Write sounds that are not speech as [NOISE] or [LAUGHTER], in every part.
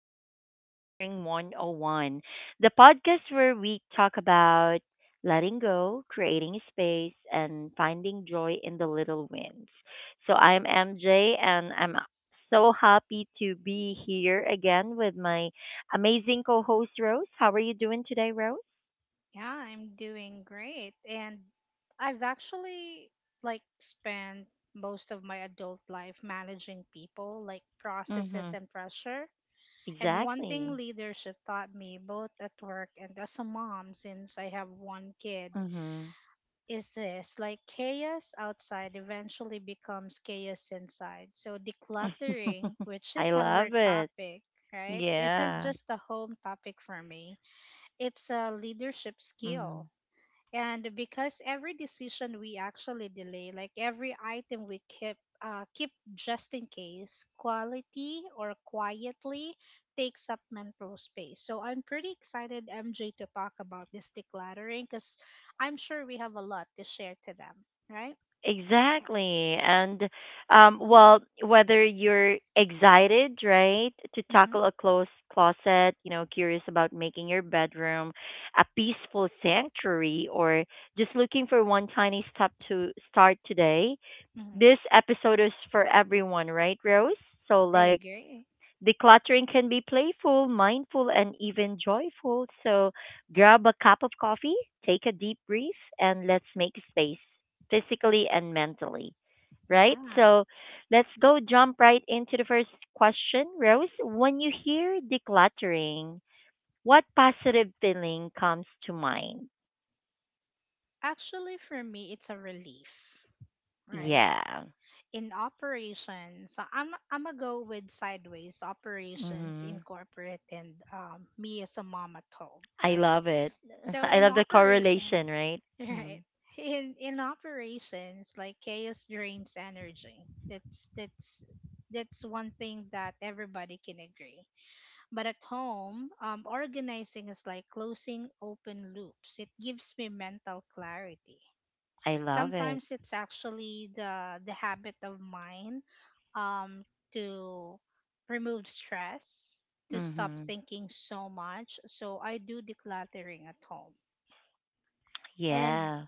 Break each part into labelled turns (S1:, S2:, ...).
S1: to Decluttering 101, the podcast where we talk about letting go, creating space, and finding joy in the little wins. So, I'm MJ, and I'm so happy to be here again with my amazing co host, Rose. How are you doing today, Rose?
S2: Yeah, I'm doing great. And I've actually like spent most of my adult life managing people, like
S1: Mm-hmm.
S2: processes and pressure. And one thing
S1: Exactly.
S2: leadership taught me both at work and as a mom, since I have 1 kid,
S1: Mm-hmm.
S2: is this, like chaos outside eventually becomes chaos inside. So decluttering, which
S1: I
S2: is [LAUGHS] our
S1: love it.
S2: topic, right? Isn't
S1: Yeah.
S2: just a home topic for me. It's a leadership skill,
S1: Mm-hmm.
S2: and because every decision we actually delay, like every item we keep, keep just in case, quality or quietly takes up mental space. So I'm pretty excited, MJ, to talk about this decluttering, because I'm sure we have a lot to share to them, right?
S1: Exactly. And well, whether you're excited, right, to
S2: Mm-hmm,
S1: tackle a closed closet, you know, curious about making your bedroom a peaceful sanctuary, or just looking for one tiny step to start today,
S2: mm-hmm.
S1: this episode is for everyone, right, Rose? So,
S2: I
S1: like,
S2: agree.
S1: decluttering can be playful, mindful, and even joyful. So grab a cup of coffee, take a deep breath, and let's make space physically and mentally. Right?
S2: Yeah,
S1: So let's go jump right into the first question, Rose. When you hear decluttering, what positive feeling comes to mind?
S2: actually for me it's a relief, right?
S1: Yeah.
S2: In operations, so I'm gonna go with sideways operations in
S1: hmm
S2: corporate, and me as a mom at home,
S1: I
S2: right?
S1: love it. [LAUGHS]
S2: So
S1: I
S2: in
S1: love the
S2: operations,
S1: correlation, right?
S2: [LAUGHS]
S1: Mm.
S2: right? In operations, like chaos drains energy. That's that's one thing that everybody can agree. But at home, organizing is like closing open loops. It gives me mental clarity.
S1: I love it.
S2: Sometimes it's actually the habit of mine, um, to remove stress, to stop
S1: hmm
S2: thinking so much. So I do decluttering at home. And
S1: Yeah.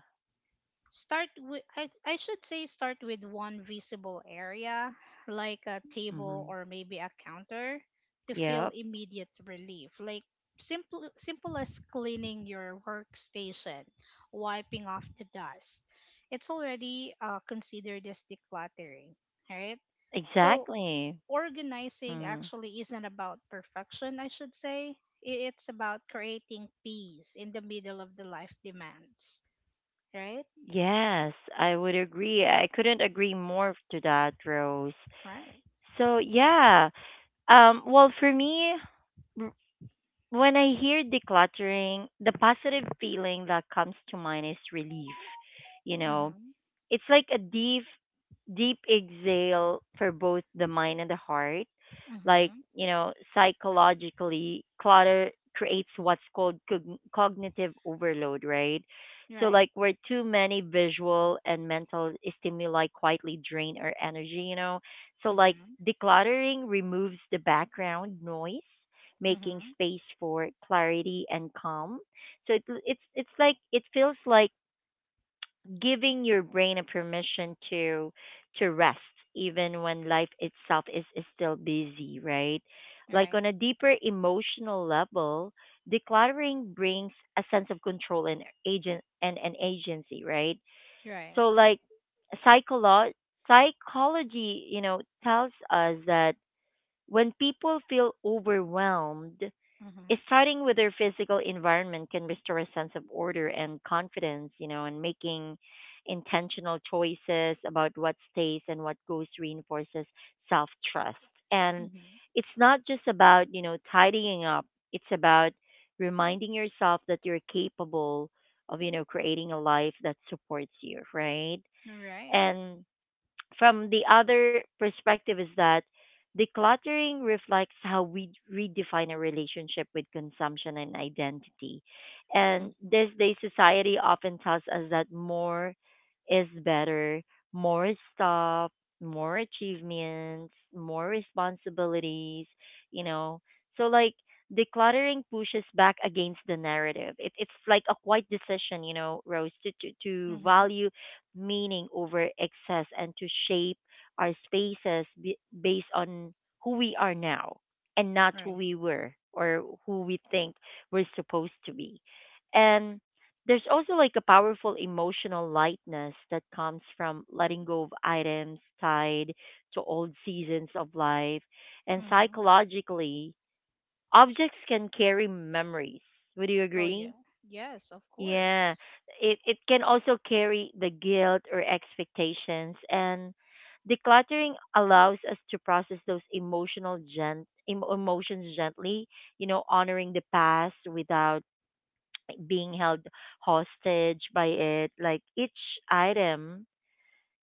S2: start with I should say start with one visible area, like a table
S1: Mm-hmm.
S2: or maybe a counter, to feel
S1: Yep,
S2: immediate relief. Like simple as cleaning your workstation, wiping off the dust. It's already considered as decluttering, right? So
S1: exactly.
S2: organizing
S1: Mm.
S2: actually isn't about perfection, I should say. It's about creating peace in the middle of the life demands, right?
S1: Yes, I would agree. I couldn't agree more to that, Rose.
S2: Right.
S1: So, yeah. Well, for me, r- when I hear decluttering, the positive feeling that comes to mind is relief. You know,
S2: Mhm.
S1: it's like a deep, deep exhale for both the mind and the heart. Like,
S2: Mhm.
S1: you know, psychologically, clutter creates what's called cognitive overload, right? So,
S2: Right.
S1: like, where too many visual and mental stimuli quietly drain our energy, you know? So, like,
S2: Mhm.
S1: decluttering removes the background noise, making
S2: Mhm.
S1: space for clarity and calm. So it's like it feels like giving your brain a permission to rest even when life itself is still busy, right? Like
S2: Right.
S1: on a deeper emotional level, decluttering brings a sense of control and and agency, right?
S2: Right.
S1: So like, psycholo- psychology, you know, tells us that when people feel overwhelmed,
S2: Mhm.
S1: starting with their physical environment can restore a sense of order and confidence, you know, and making intentional choices about what stays and what goes reinforces self trust. And
S2: Mhm.
S1: it's not just about, you know, tidying up, it's about reminding yourself that you're capable of, you know, creating a life that supports you, right?
S2: Right.
S1: And from the other perspective is that decluttering reflects how we redefine a relationship with consumption and identity. And
S2: Mhm.
S1: this day, society often tells us that more is better, more stuff, more achievements, more responsibilities, you know. So like decluttering pushes back against the narrative. It's like a quiet decision, you know, Rose, to
S2: Mhm.
S1: value meaning over excess and to shape our spaces based on who we are now and not who
S2: Right.
S1: we were or who we think we're supposed to be. And there's also like a powerful emotional lightness that comes from letting go of items tied to old seasons of life. And
S2: Mhm.
S1: psychologically, objects can carry memories. Would you
S2: Oh
S1: agree?
S2: yeah. Yes, of
S1: Yeah.
S2: course.
S1: It can also carry the guilt or expectations, and decluttering allows us to process those emotions gently, you know, honoring the past without being held hostage by it. Like each item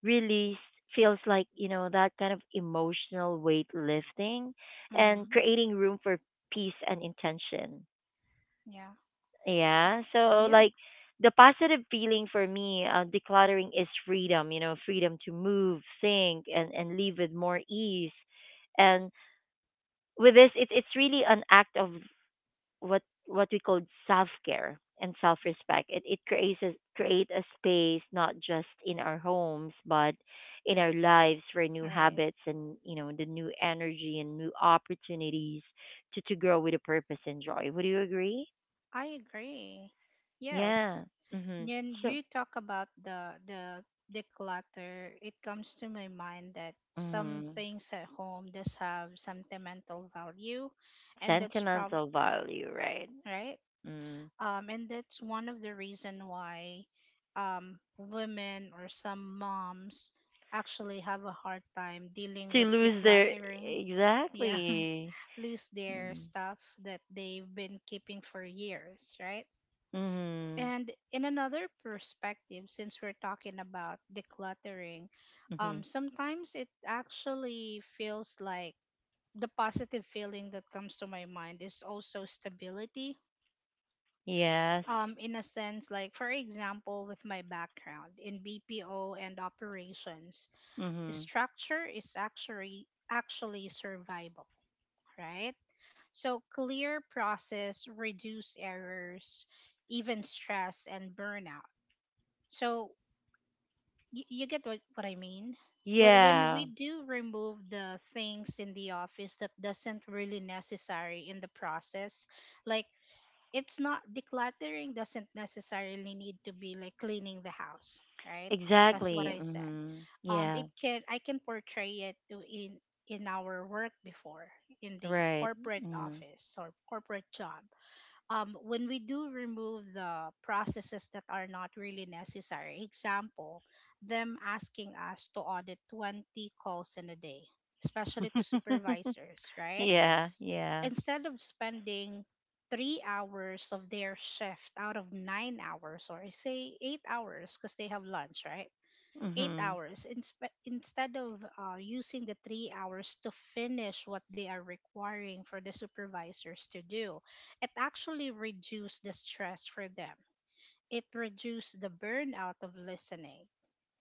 S1: really feels like, you know, that kind of emotional weight lifting and
S2: Mhm.
S1: creating room for peace and intention.
S2: Yeah.
S1: Yeah. So,
S2: Yeah.
S1: like, the positive feeling for me, decluttering is freedom, you know, freedom to move, think, and live with more ease. And with this, it's really an act of what we call self care and self respect. It creates a space not just in our homes but in our lives for new
S2: Right.
S1: habits and, you know, the new energy and new opportunities to grow with a purpose and joy. Would you agree?
S2: I agree. Yes.
S1: Yeah. Mhm.
S2: When
S1: So.
S2: you talk about the declutter, it comes to my mind that some
S1: Mm.
S2: things at home does have sentimental value, and that's prob
S1: Sentimental value, right?
S2: right.
S1: Mm.
S2: And that's one of the reason why women or some moms actually have a hard time dealing
S1: To
S2: with
S1: lose their
S2: decluttering, yeah,
S1: exactly.
S2: [LAUGHS] lose their
S1: Mm.
S2: stuff that they've been keeping for years, right?
S1: Mhm.
S2: And in another perspective, since we're talking about decluttering,
S1: Mhm.
S2: sometimes it actually feels like the positive feeling that comes to my mind is also stability,
S1: Yes.
S2: in a sense, like for example with my background in BPO and operations,
S1: Mhm.
S2: structure is actually survival, right? So clear process reduce errors, even stress and burnout. So you get what I mean. When
S1: Yeah,
S2: we do remove the things in the office that doesn't really necessary in the process, like it's not, decluttering doesn't necessarily need to be like cleaning the house, right? That's what
S1: exactly.
S2: I said. Um,
S1: Yeah,
S2: it can, I can portray it to, in our work before, in the
S1: right.
S2: corporate
S1: Mm.
S2: office or corporate job, when we do remove the processes that are not really necessary, example, them asking us to audit 20 calls in a day, especially to
S1: [LAUGHS]
S2: supervisors, right?
S1: Yeah, yeah.
S2: Instead of spending 3 hours of their shift out of 9 hours, or say 8 hours because they have lunch, right, eight
S1: hmm
S2: hours instead of using the 3 hours to finish what they are requiring for the supervisors to do, it actually reduced the stress for them. It reduced the burnout of listening,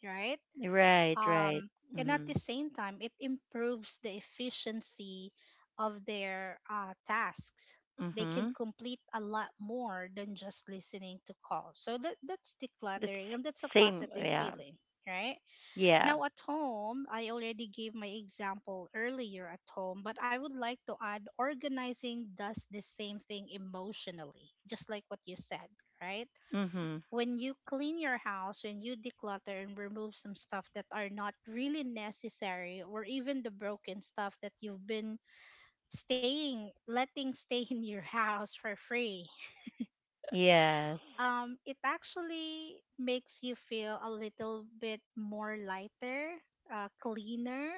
S2: right?
S1: Right, right.
S2: um, and at
S1: hmm
S2: the same time it improves the efficiency of their tasks. They can
S1: hmm
S2: complete a lot more than just listening to calls. So that, that's
S1: That's
S2: decluttering, and that's a
S1: same.
S2: positive
S1: Yeah,
S2: feeling, right?
S1: yeah.
S2: Now at home, I already gave my example earlier at home, but I would like to add, organizing does the same thing emotionally, just like what you said, right?
S1: hmm
S2: When you clean your house, when you declutter and remove some stuff that are not really necessary, or even the broken stuff that you've been staying, letting [LAUGHS] stay in your house for free,
S1: Yes.
S2: it actually makes you feel a little bit more lighter, cleaner.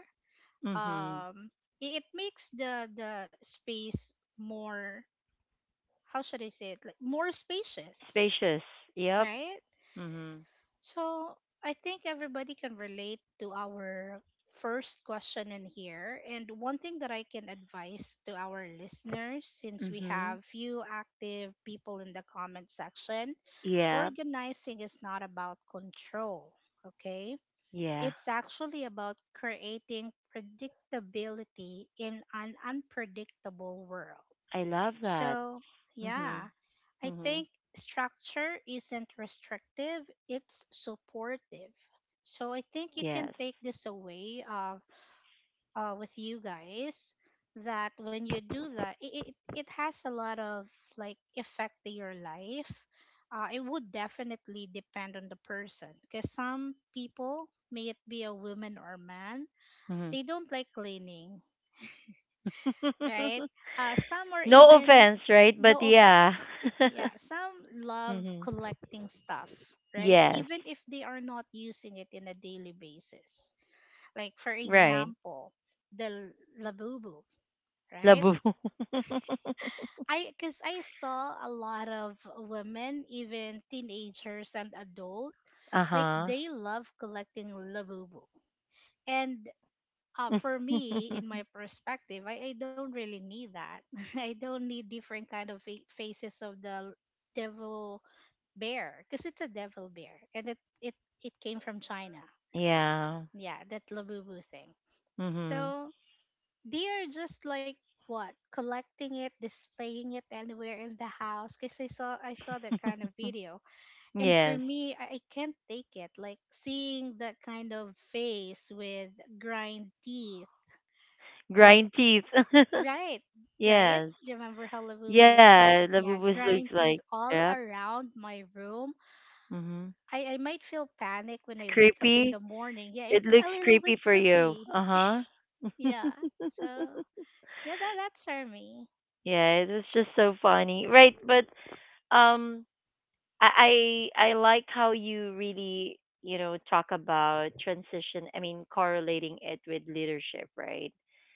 S1: hmm
S2: Um, it makes the space more, how should I say it, like more spacious,
S1: Spacious. Yep.
S2: right?
S1: hmm
S2: So I think everybody can relate to our first question in here. And one thing that I can advise to our listeners, since we
S1: hmm
S2: have few active people in the comment section,
S1: Yeah,
S2: organizing is not about control, okay?
S1: yeah.
S2: It's actually about creating predictability in an unpredictable world.
S1: I love that.
S2: So,
S1: hmm
S2: yeah, I
S1: hmm
S2: think structure isn't restrictive, it's supportive. So I think you can
S1: Yes.
S2: take this away, with you guys, that when you do that, it, it has a lot of like effect to your life. It would definitely depend on the person, because some people, may it be a woman or man,
S1: hmm
S2: they don't like cleaning, right?
S1: [LAUGHS]
S2: Some are
S1: No
S2: even,
S1: offense, right? But
S2: no
S1: yeah.
S2: offense, yeah,
S1: [LAUGHS]
S2: some love
S1: hmm
S2: collecting stuff, right?
S1: Yes.
S2: Even if they are not using it in a daily basis. Like, for
S1: Right.
S2: example, the l- labubu, right?
S1: Labu. [LAUGHS]
S2: I, because I saw a lot of women, even teenagers and adult, like
S1: Uh-huh.
S2: they love collecting labubu. And for me in my
S1: [LAUGHS]
S2: perspective, I don't really need that. [LAUGHS] I don't need different kind of faces of the devil bear, because it's a devil bear, and it it came from China.
S1: Yeah.
S2: Yeah, that labubu thing.
S1: Mhm.
S2: So they are just like, what, collecting it, displaying it anywhere in the house, because I saw I saw that kind of video. And for
S1: Yes.
S2: me, I can't take it, like seeing that kind of face with grind teeth, like,
S1: Grind teeth. [LAUGHS]
S2: right, right.
S1: Yes.
S2: You remember how Labubu looks like?
S1: Yeah,
S2: Yeah,
S1: labubus
S2: grind
S1: looks
S2: teeth
S1: like.
S2: all
S1: Yeah.
S2: around my room.
S1: Mhm.
S2: I might feel panic when I
S1: It's
S2: wake up in
S1: creepy.
S2: the morning. Yeah,
S1: It
S2: it's
S1: looks
S2: a little
S1: creepy
S2: bit
S1: for you.
S2: creepy.
S1: Uh-huh.
S2: Yeah,
S1: [LAUGHS]
S2: so yeah, that, that's our me.
S1: Yeah, it was just so funny. Right, but um I like how you really, you know, talk about transition. I mean, correlating it with leadership, right?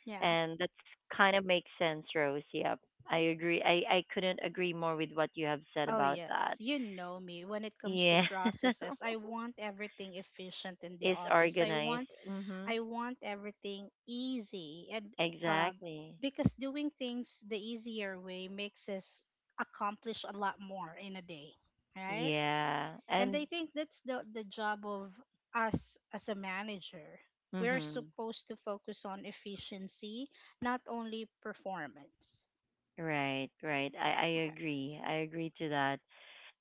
S2: Yeah.
S1: And that's kind of makes sense, Rose. Yep, I agree. I couldn't agree more with what you have said
S2: Oh
S1: about that.
S2: yes, you know me. When it comes to
S1: Yeah,
S2: processes, I
S1: [LAUGHS]
S2: want everything efficient in the
S1: is
S2: office. I
S1: organized.
S2: want
S1: Mhm.
S2: I want everything easy and, uh,
S1: Exactly.
S2: because doing things the easier way makes us accomplish a lot more in a day, right?
S1: Yeah.
S2: And
S1: And
S2: I think that's the job of us as a manager. We're
S1: mhm.
S2: supposed to focus on efficiency, not only performance.
S1: Right, right. I agree. I agree to that.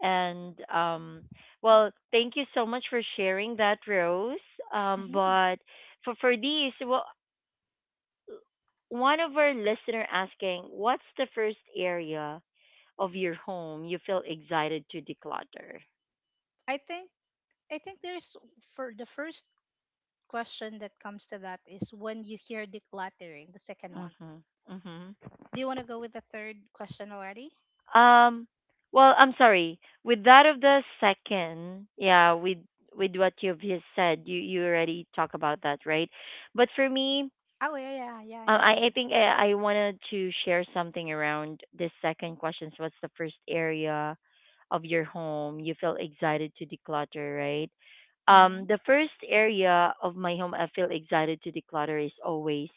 S1: And well, thank you so much for sharing that, Rose.
S2: Hmm.
S1: But for these, well, one of our listener asking, what's the first area of your home you feel excited to declutter?
S2: I think, I think there's, for the first question that comes to that, is when you hear decluttering, the second one.
S1: Mhm. Mhm.
S2: Do you want to go with the third question already?
S1: Um, well, I'm sorry. With that of the second, yeah, with what you've just said, you already talk about that, right? But for me,
S2: Oh, yeah, yeah, yeah, yeah,
S1: I, I
S2: yeah.
S1: think I, I wanted to share something around this second question. So what's the first area of your home you feel excited to declutter, right?
S2: Mm-hmm.
S1: The first area of my home I feel excited to declutter is always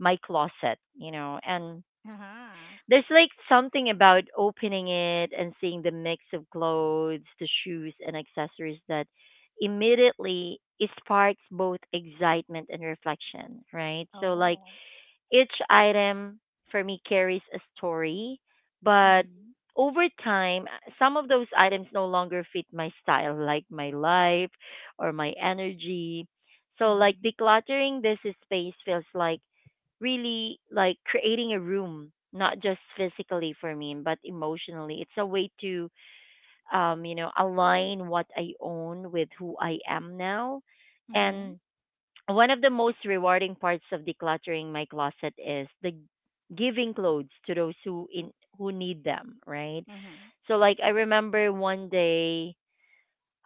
S1: my closet, you know, and
S2: Uh-huh.
S1: there's like something about opening it and seeing the mix of clothes, the shoes and accessories that immediately sparks both excitement and reflection, right? So like
S2: Oh.
S1: each item for me carries a story, but
S2: Mm-hmm.
S1: over time, some of those items no longer fit my style, like my life or my energy. So, like
S2: Mm-hmm.
S1: decluttering this space feels like really like creating a room not just physically for me but emotionally. It's a way to you know align what I own with who I am now.
S2: Mm-hmm.
S1: And one of the most rewarding parts of decluttering my closet is the giving clothes to those who in who need them, right?
S2: Mm-hmm.
S1: So like, I remember one day,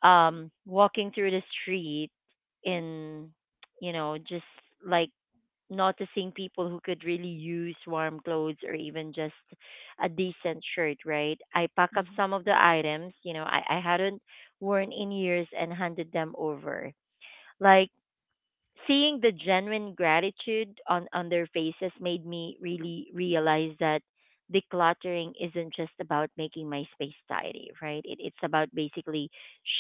S1: walking through the street in, you know, just like noticing people who could really use warm clothes or even just a decent shirt, right? I pack up
S2: Mm-hmm.
S1: some of the items, you know, I hadn't worn in years and handed them over. Like seeing the genuine gratitude on their faces made me really realize that decluttering isn't just about making my space tidy, right? It's about basically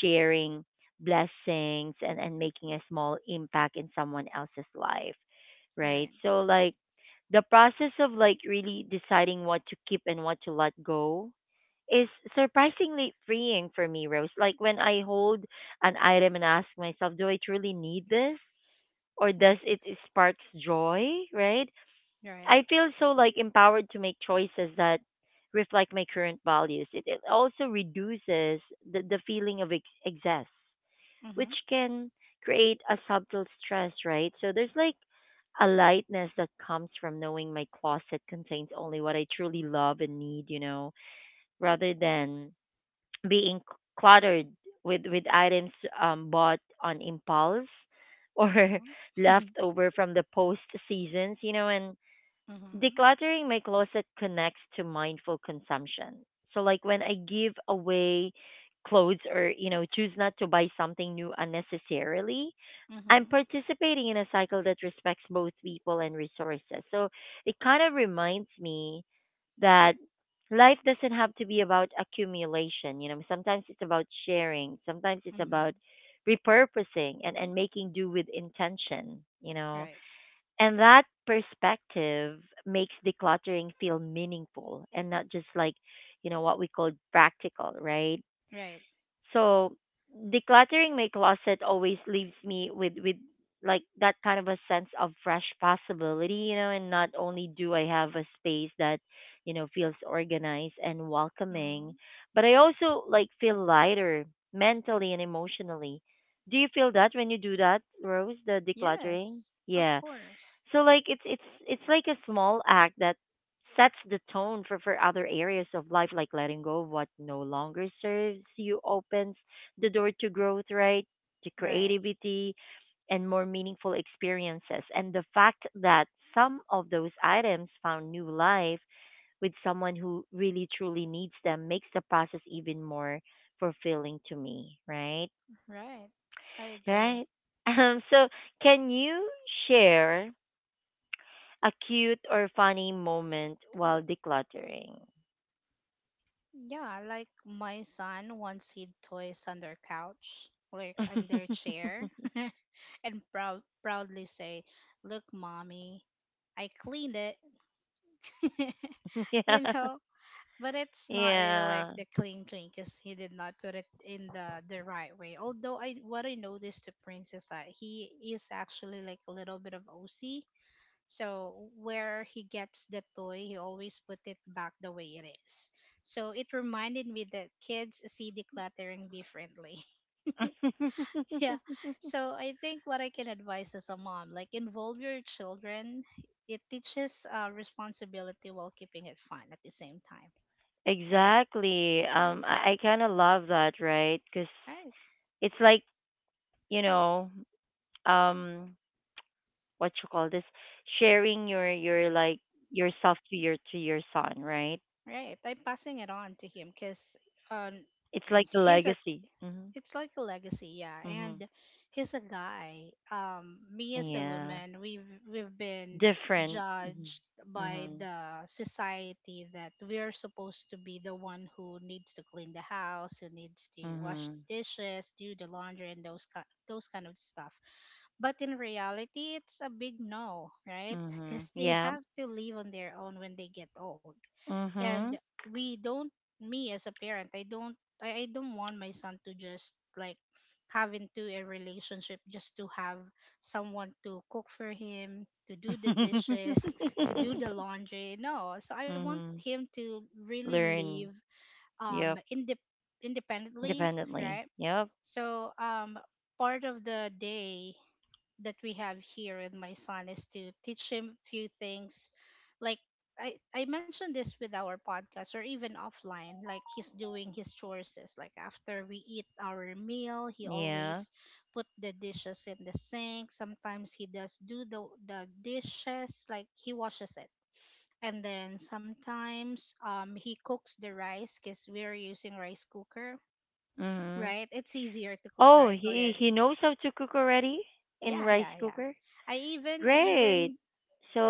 S1: sharing blessings and making a small impact in someone else's life, right?
S2: Right.
S1: So, like, the process of like really deciding what to keep and what to let go is surprisingly freeing for me, Rose. Like when I hold an item and ask myself, do I truly need this? Or does
S2: Right.
S1: it spark joy, right? I
S2: Right.
S1: feel so like empowered to make choices that reflect my current values. It also reduces the feeling of excess, which
S2: Mm-hmm.
S1: can create a subtle stress, right? So there's like a lightness that comes from knowing my closet contains only what I truly love and need, you know, rather than being cluttered with items bought on impulse or [LAUGHS]
S2: Mm-hmm.
S1: left
S2: [LAUGHS]
S1: over from the post seasons, you know, and
S2: Mm-hmm.
S1: decluttering my closet connects to mindful consumption. So like when I give away clothes or, you know, choose not to buy something new unnecessarily, I'm
S2: Mm-hmm.
S1: participating in a cycle that respects both people and resources. So it kind of reminds me that life doesn't have to be about accumulation. You know, sometimes it's about sharing, sometimes it's about
S2: Mm-hmm.
S1: repurposing and making do with intention, you know.
S2: Right.
S1: And that perspective makes decluttering feel meaningful and not just like, you know, what we call practical, right?
S2: Right.
S1: So decluttering my closet always leaves me with like that kind of a sense of fresh possibility, you know, and not only do I have a space that, you know, feels organized and welcoming,
S2: Mm-hmm.
S1: but I also like feel lighter mentally and emotionally. Do you feel that when you do that, Rose, the decluttering?
S2: Yes. Of
S1: Yeah.
S2: course.
S1: So like it's like a small act that sets the tone for other areas of life, like letting go of what no longer serves you opens the door to growth, right? To
S2: Right.
S1: creativity and more meaningful experiences. And the fact that some of those items found new life with someone who really truly needs them makes the process even more fulfilling to me, right?
S2: Right. I
S1: Right?
S2: agree.
S1: [LAUGHS] So can you share a cute or funny moment while decluttering.
S2: Yeah, like my son once hid toys under couch, like under
S1: [LAUGHS]
S2: chair, [LAUGHS] and proudly say, look, mommy, I cleaned it. [LAUGHS]
S1: Yeah.
S2: You know? But it's not really like
S1: Yeah.
S2: the clean clean, because he did not put it in the right way. Although, I what I noticed to Prince is that he is actually like a little bit of OC. So where he gets the toy, he always put it back the way it is. So it reminded me that kids see decluttering differently.
S1: [LAUGHS]
S2: Yeah. So I think what I can advise as a mom, like, involve your children. It teaches responsibility while keeping it fun at the same time. Right.
S1: Exactly. I kind of love that, right? Cuz
S2: Right.
S1: it's like, you know, um what you call this, sharing your like yourself to your son, right?
S2: Right. I'm passing it on to him, because, um,
S1: It's like the
S2: he's a,
S1: legacy. Mhm.
S2: it's like a legacy, yeah.
S1: Mhm.
S2: And he's a guy, me as a
S1: Yeah.
S2: woman, we've been
S1: Different. Mhm.
S2: judged by
S1: Mhm.
S2: the society that we're supposed to be the one who needs to clean the house, who needs to wash
S1: Mhm.
S2: the dishes, do the laundry, and those kind of stuff, but in reality it's a big no, right? [LAUGHS]
S1: Mhm.
S2: Because they
S1: Yeah.
S2: have to live on their own when they get old, and
S1: Mhm.
S2: we don't, me as a parent, I don't want my son to just like have into a relationship just to have someone to cook for him, to do the
S1: [LAUGHS]
S2: dishes, to do the laundry, no. So I want
S1: Mhm.
S2: him to really live,
S1: Learn.
S2: um
S1: Yep.
S2: indep- independently,
S1: Independently.
S2: right?
S1: Yep.
S2: So, part of the day that we have here with my son is to teach him few things, like I mentioned this with our podcast or even offline, like he's doing his chores, is, like after we eat our meal, he
S1: Yeah.
S2: always put the dishes in the sink. Sometimes he does do the dishes, like he washes it. And then sometimes he cooks the rice, because we're using rice cooker,
S1: Mhm.
S2: right? It's easier to cook
S1: Oh,
S2: rice
S1: he
S2: already.
S1: knows how to cook already in
S2: Yeah,
S1: rice
S2: yeah, yeah.
S1: cooker.
S2: I
S1: Great.
S2: even,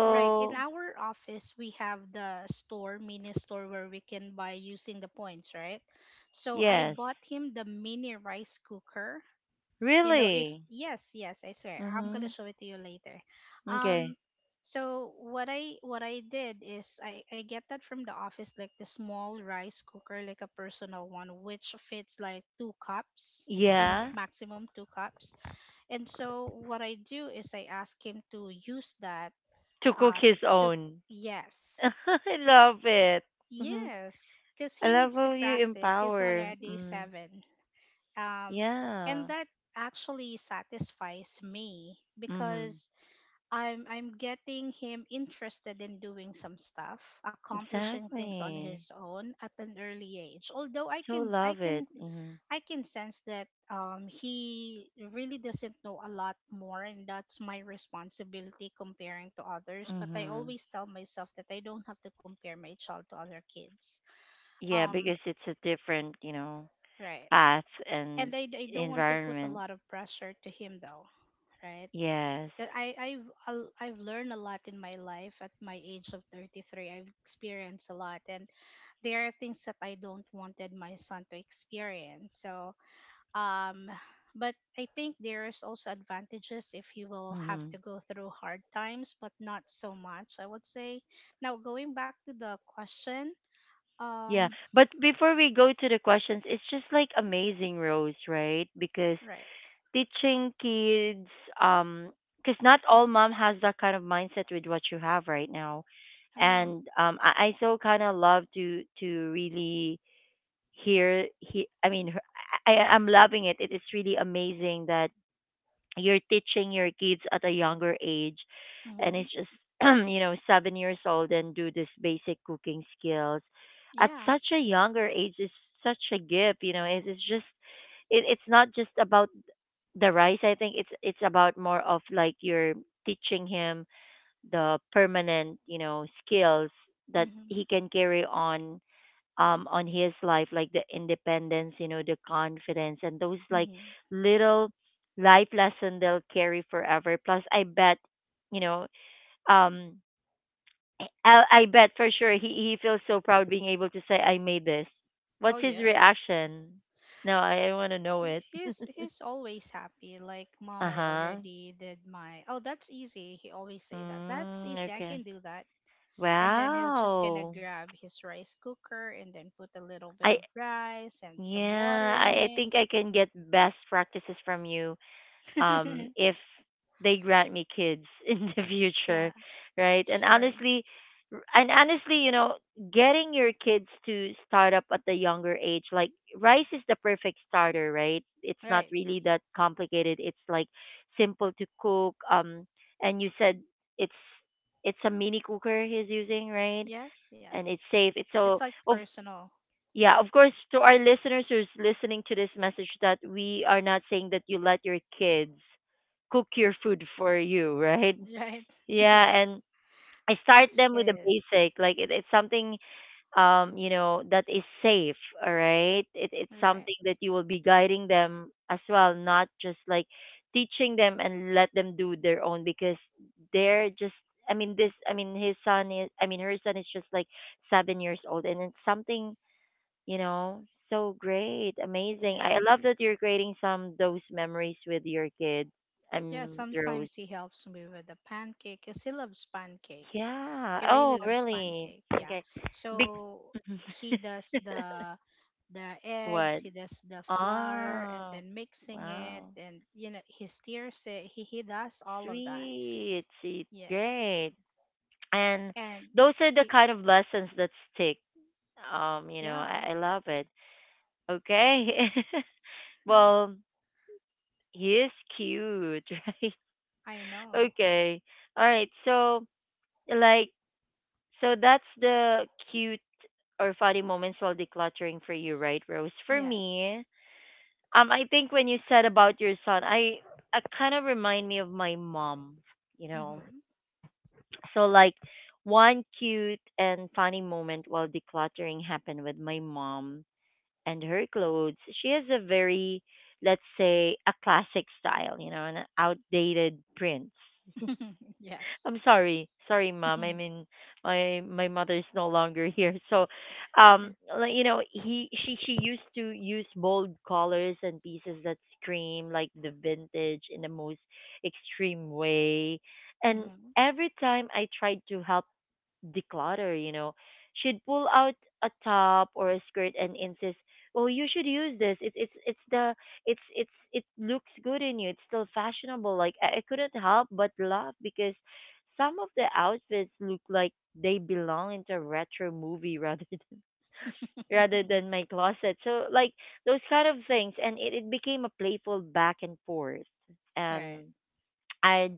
S2: right, in our office, we have the store, mini store, where we can buy using the points, right? So I
S1: yes.
S2: bought him the mini rice cooker. You know, if,
S1: Really.
S2: yes, yes, I swear, I'm gonna
S1: Mhm.
S2: show it to you later. Um,
S1: Okay.
S2: so what I, what I did is I get that from the office, like the small rice cooker, like a personal one, which fits like 2 cups in a
S1: Yeah.
S2: maximum 2 cups. And so what I do is I ask him to use that,
S1: To cook
S2: uh
S1: his
S2: to
S1: own. [LAUGHS]
S2: yes,
S1: I love it. Mhm.
S2: yes, because he
S1: I love
S2: needs to
S1: how you
S2: practice. He's
S1: empower.
S2: already
S1: Mm.
S2: seven. Um and
S1: Yeah.
S2: that actually satisfies me
S1: Mhm.
S2: because I'm getting him interested in doing some stuff, accomplishing things on
S1: Exactly.
S2: his own at an early age, although i
S1: So
S2: can i
S1: love
S2: can
S1: it. Hmm.
S2: I can sense that, he really doesn't know a lot more, and that's my responsibility comparing to others. But I
S1: Hmm.
S2: always tell myself that I don't have to compare my child to other kids.
S1: Yeah,
S2: Um,
S1: because it's a different
S2: right.
S1: path and
S2: And I don't want to put a
S1: environment.
S2: lot of pressure to him, though, right?
S1: Yes.
S2: 'Cause I've learned a lot in my life at my age of 33. I've experienced a lot, and there are things that I don't wanted my son to experience. So, um but I think there's also advantages if you will have to
S1: Hmm.
S2: go through hard times, but not so much, I would say. Now going back to the question,
S1: Yeah,
S2: um
S1: but before we go to the questions, it's just like amazing, Rose, right? Because
S2: right.
S1: teaching kids, um, because not all mom has that kind of mindset with what you have right now,
S2: I am.
S1: and I so kind of love to really hear. He, I mean, her- I- I'm loving it. It is really amazing that you're teaching your kids at a younger age, and
S2: Hmm.
S1: it's just [CLEARS THROAT] 7 years old and do this basic cooking skills at
S2: Yeah.
S1: such a younger age is such a gift. It's not just about the rice. I think it's about more of like you're teaching him the permanent skills that
S2: Mm-hmm.
S1: he can carry on his life, like the independence, the confidence, and those like
S2: Mm-hmm.
S1: little life lesson they'll carry forever. Plus I bet you know um I bet for sure he feels so proud being able to say I made this.
S2: Oh
S1: What's his
S2: yes.
S1: reaction? No, I want to know
S2: He-
S1: it. [LAUGHS]
S2: he's he's always happy, like, "Mom, I
S1: Uh-huh.
S2: already did my..." Oh, that's easy. He always say that, "That's
S1: Mm,
S2: easy, I
S1: okay.
S2: can do that." And then he's just gonna
S1: Wow.
S2: grab his rice cooker and then put a little bit
S1: I
S2: of rice and some water
S1: Yeah,
S2: in
S1: I
S2: it.
S1: think I can get best practices from you. um,
S2: [LAUGHS]
S1: if they grant me kids [LAUGHS] in the future,
S2: Yeah,
S1: right? And
S2: sure.
S1: honestly, getting your kids to start up at the younger age, like rice is the perfect starter, right? It's not
S2: Right.
S1: really that complicated. It's like simple to cook. And you said it's it's a mini cooker he's using, right?
S2: Yes,
S1: And it's
S2: yes.
S1: safe. It's
S2: It's
S1: so.
S2: like
S1: Of
S2: personal,
S1: Yeah, of course, to our listeners who's listening to this message, that we are not saying that you let your kids cook your food for you, [LAUGHS] right?
S2: right? [LAUGHS]
S1: Yeah,
S2: Right.
S1: and I start
S2: That's
S1: them with the
S2: his.
S1: basic, like it's something that is safe, all right? It's
S2: Right.
S1: something that you will be guiding them as well, not just like teaching them and let them do their own, because they're just, I mean, this, I mean, his son is, I mean, her son is just like 7 years old, and it's something you know so great, amazing. I
S2: Yeah.
S1: love that you're creating some those memories with your kids.
S2: Yeah,
S1: I'm Rose.
S2: sometimes he helps me with the pancake because he loves pancake.
S1: Yeah.
S2: He
S1: Oh,
S2: really loves
S1: really?
S2: pancake, yeah.
S1: Okay. Be-
S2: So he
S1: [LAUGHS]
S2: does the eggs,
S1: what?
S2: he does the flour and
S1: Oh,
S2: then mixing it,
S1: wow.
S2: and you know he steers it. He does all of that.
S1: Sweet, sweet,
S2: Yes.
S1: great. And
S2: And
S1: those are the
S2: he
S1: kind of lessons that stick. um you know
S2: Yeah,
S1: i, I love it. Okay. [LAUGHS] Well, he is cute, [LAUGHS] right?
S2: I know.
S1: Okay. All right. Like, so that's the cute or funny moments while decluttering for you, right, Rose? For me,
S2: Yes.
S1: I think when you said about your son, I kind of remind me of my mom, you know.
S2: Mhm.
S1: So, like, one cute and funny moment while decluttering happened with my mom and her clothes. She has a very, let's say, a classic style an outdated print.
S2: [LAUGHS] Yes. [LAUGHS]
S1: I'm sorry. Sorry, mom. I mean, my mother is no longer [LAUGHS] here. So, um,
S2: Mhm.
S1: like, you know, he she used to use bold colors and pieces that scream like the vintage in the most extreme way. And
S2: Mhm.
S1: every time I tried to help declutter. She'd pull out a top or a skirt and insist, "Oh, you should use this. It looks good in you. It's still fashionable." Like I couldn't help but laugh because some of the outfits look like they belong into a retro movie rather [LAUGHS] than rather than my closet. So like those kind of things, and it became a playful back and forth.
S2: Right.
S1: And I'd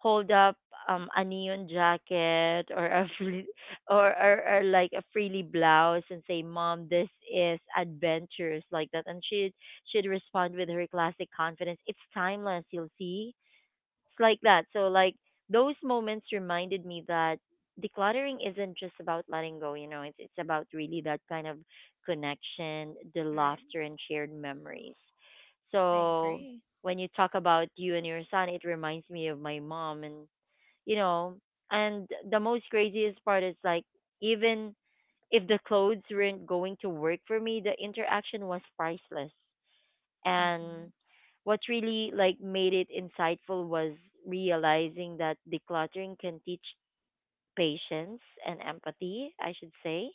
S1: hold up a neon jacket or [LAUGHS] or like a frilly blouse and say, "Mom, this is adventurous," like that, and she'd respond with her classic confidence, "It's timeless, you'll see." It's like that. So like those moments reminded me that decluttering isn't just about letting go, it's about really that kind of connection, the
S2: Right.
S1: laughter and shared memories.
S2: I
S1: So
S2: agree.
S1: when you talk about you and your son, it reminds me of my mom, and you know, the most craziest part is like, even if the clothes weren't going to work for me, the interaction was priceless, and
S2: Mhm.
S1: what really like made it insightful was realizing that decluttering can teach patience and empathy, I should say.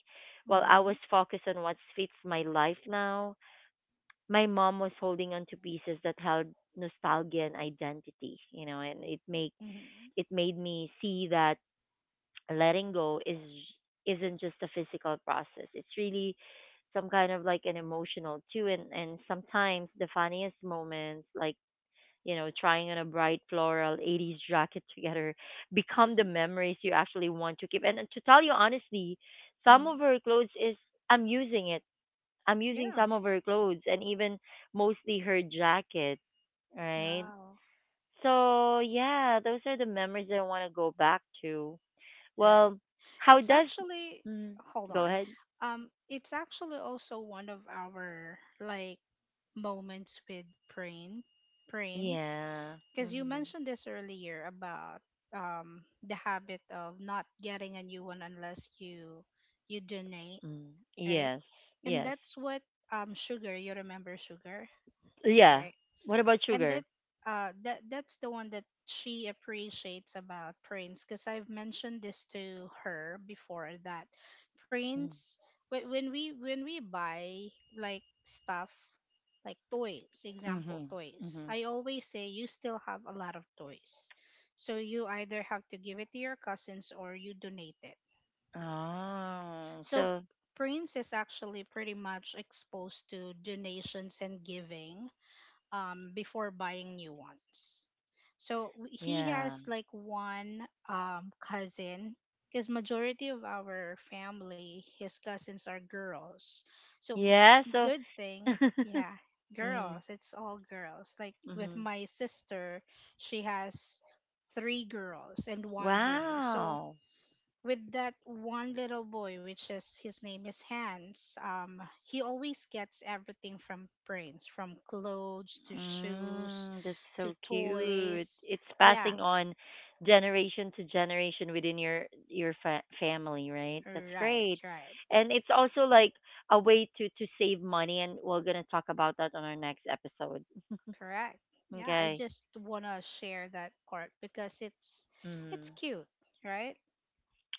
S1: While I was
S2: Mhm.
S1: focused on what fits my life now, my mom was holding on to pieces that held nostalgia and identity, and it make
S2: Mhm.
S1: it made me see that letting go is isn't just a physical process. It's really some kind of like an emotional too, and sometimes the funniest moments, like trying on a bright floral 80s jacket together, become the memories you actually want to keep. And to tell you honestly, some of
S2: Mhm.
S1: her clothes is I'm using it. I'm using
S2: Yeah.
S1: some of her clothes and even mostly her jacket, right?
S2: Yeah.
S1: So, yeah, those are the memories that I want to go back to.
S2: Right.
S1: Well, how
S2: It's
S1: does
S2: actually
S1: mm,
S2: Hold
S1: go
S2: on.
S1: ahead?
S2: It's actually also one of our, like, moments with Prince,
S1: Yeah.
S2: because you
S1: Hmm.
S2: mentioned this earlier about the habit of not getting a new one unless you donate,
S1: Mm.
S2: right?
S1: Yes.
S2: And
S1: Yes.
S2: that's what, Sugar, you remember Sugar,
S1: Yeah.
S2: right?
S1: What about
S2: And
S1: sugar?
S2: that's the one that she appreciates about Prince, because I've mentioned this to her before that
S1: Mm.
S2: Prince, when we buy, like, stuff, like toys, example
S1: Mm-hmm.
S2: toys,
S1: Mm-hmm.
S2: I always say, "You still have a lot of toys," so you either have to give it to your cousins or you donate it.
S1: Oh,
S2: So
S1: so
S2: Prince is actually pretty much exposed to donations and giving, before buying new ones. So, he
S1: yeah.
S2: has, like, one cousin, because majority of our family, his cousins are girls. So,
S1: Yeah, so.
S2: good thing,
S1: [LAUGHS]
S2: yeah,
S1: Mm,
S2: girls. It's all girls. Like with
S1: mhm.
S2: my sister, she has three girls and one boy. So
S1: Wow.
S2: with that one little boy, which is, his name is Hans, he always gets everything from Prince, from clothes to shoes
S1: That's
S2: to
S1: so cute.
S2: toys.
S1: It's
S2: Yeah,
S1: passing on generation to generation within your family, right? That's
S2: right,
S1: great.
S2: right,
S1: And it's also like a way to save money, and we're going to talk about that on our next episode. [LAUGHS]
S2: correct. Yeah, I
S1: Okay.
S2: just wanna share that part because it's
S1: Mm.
S2: cute, right?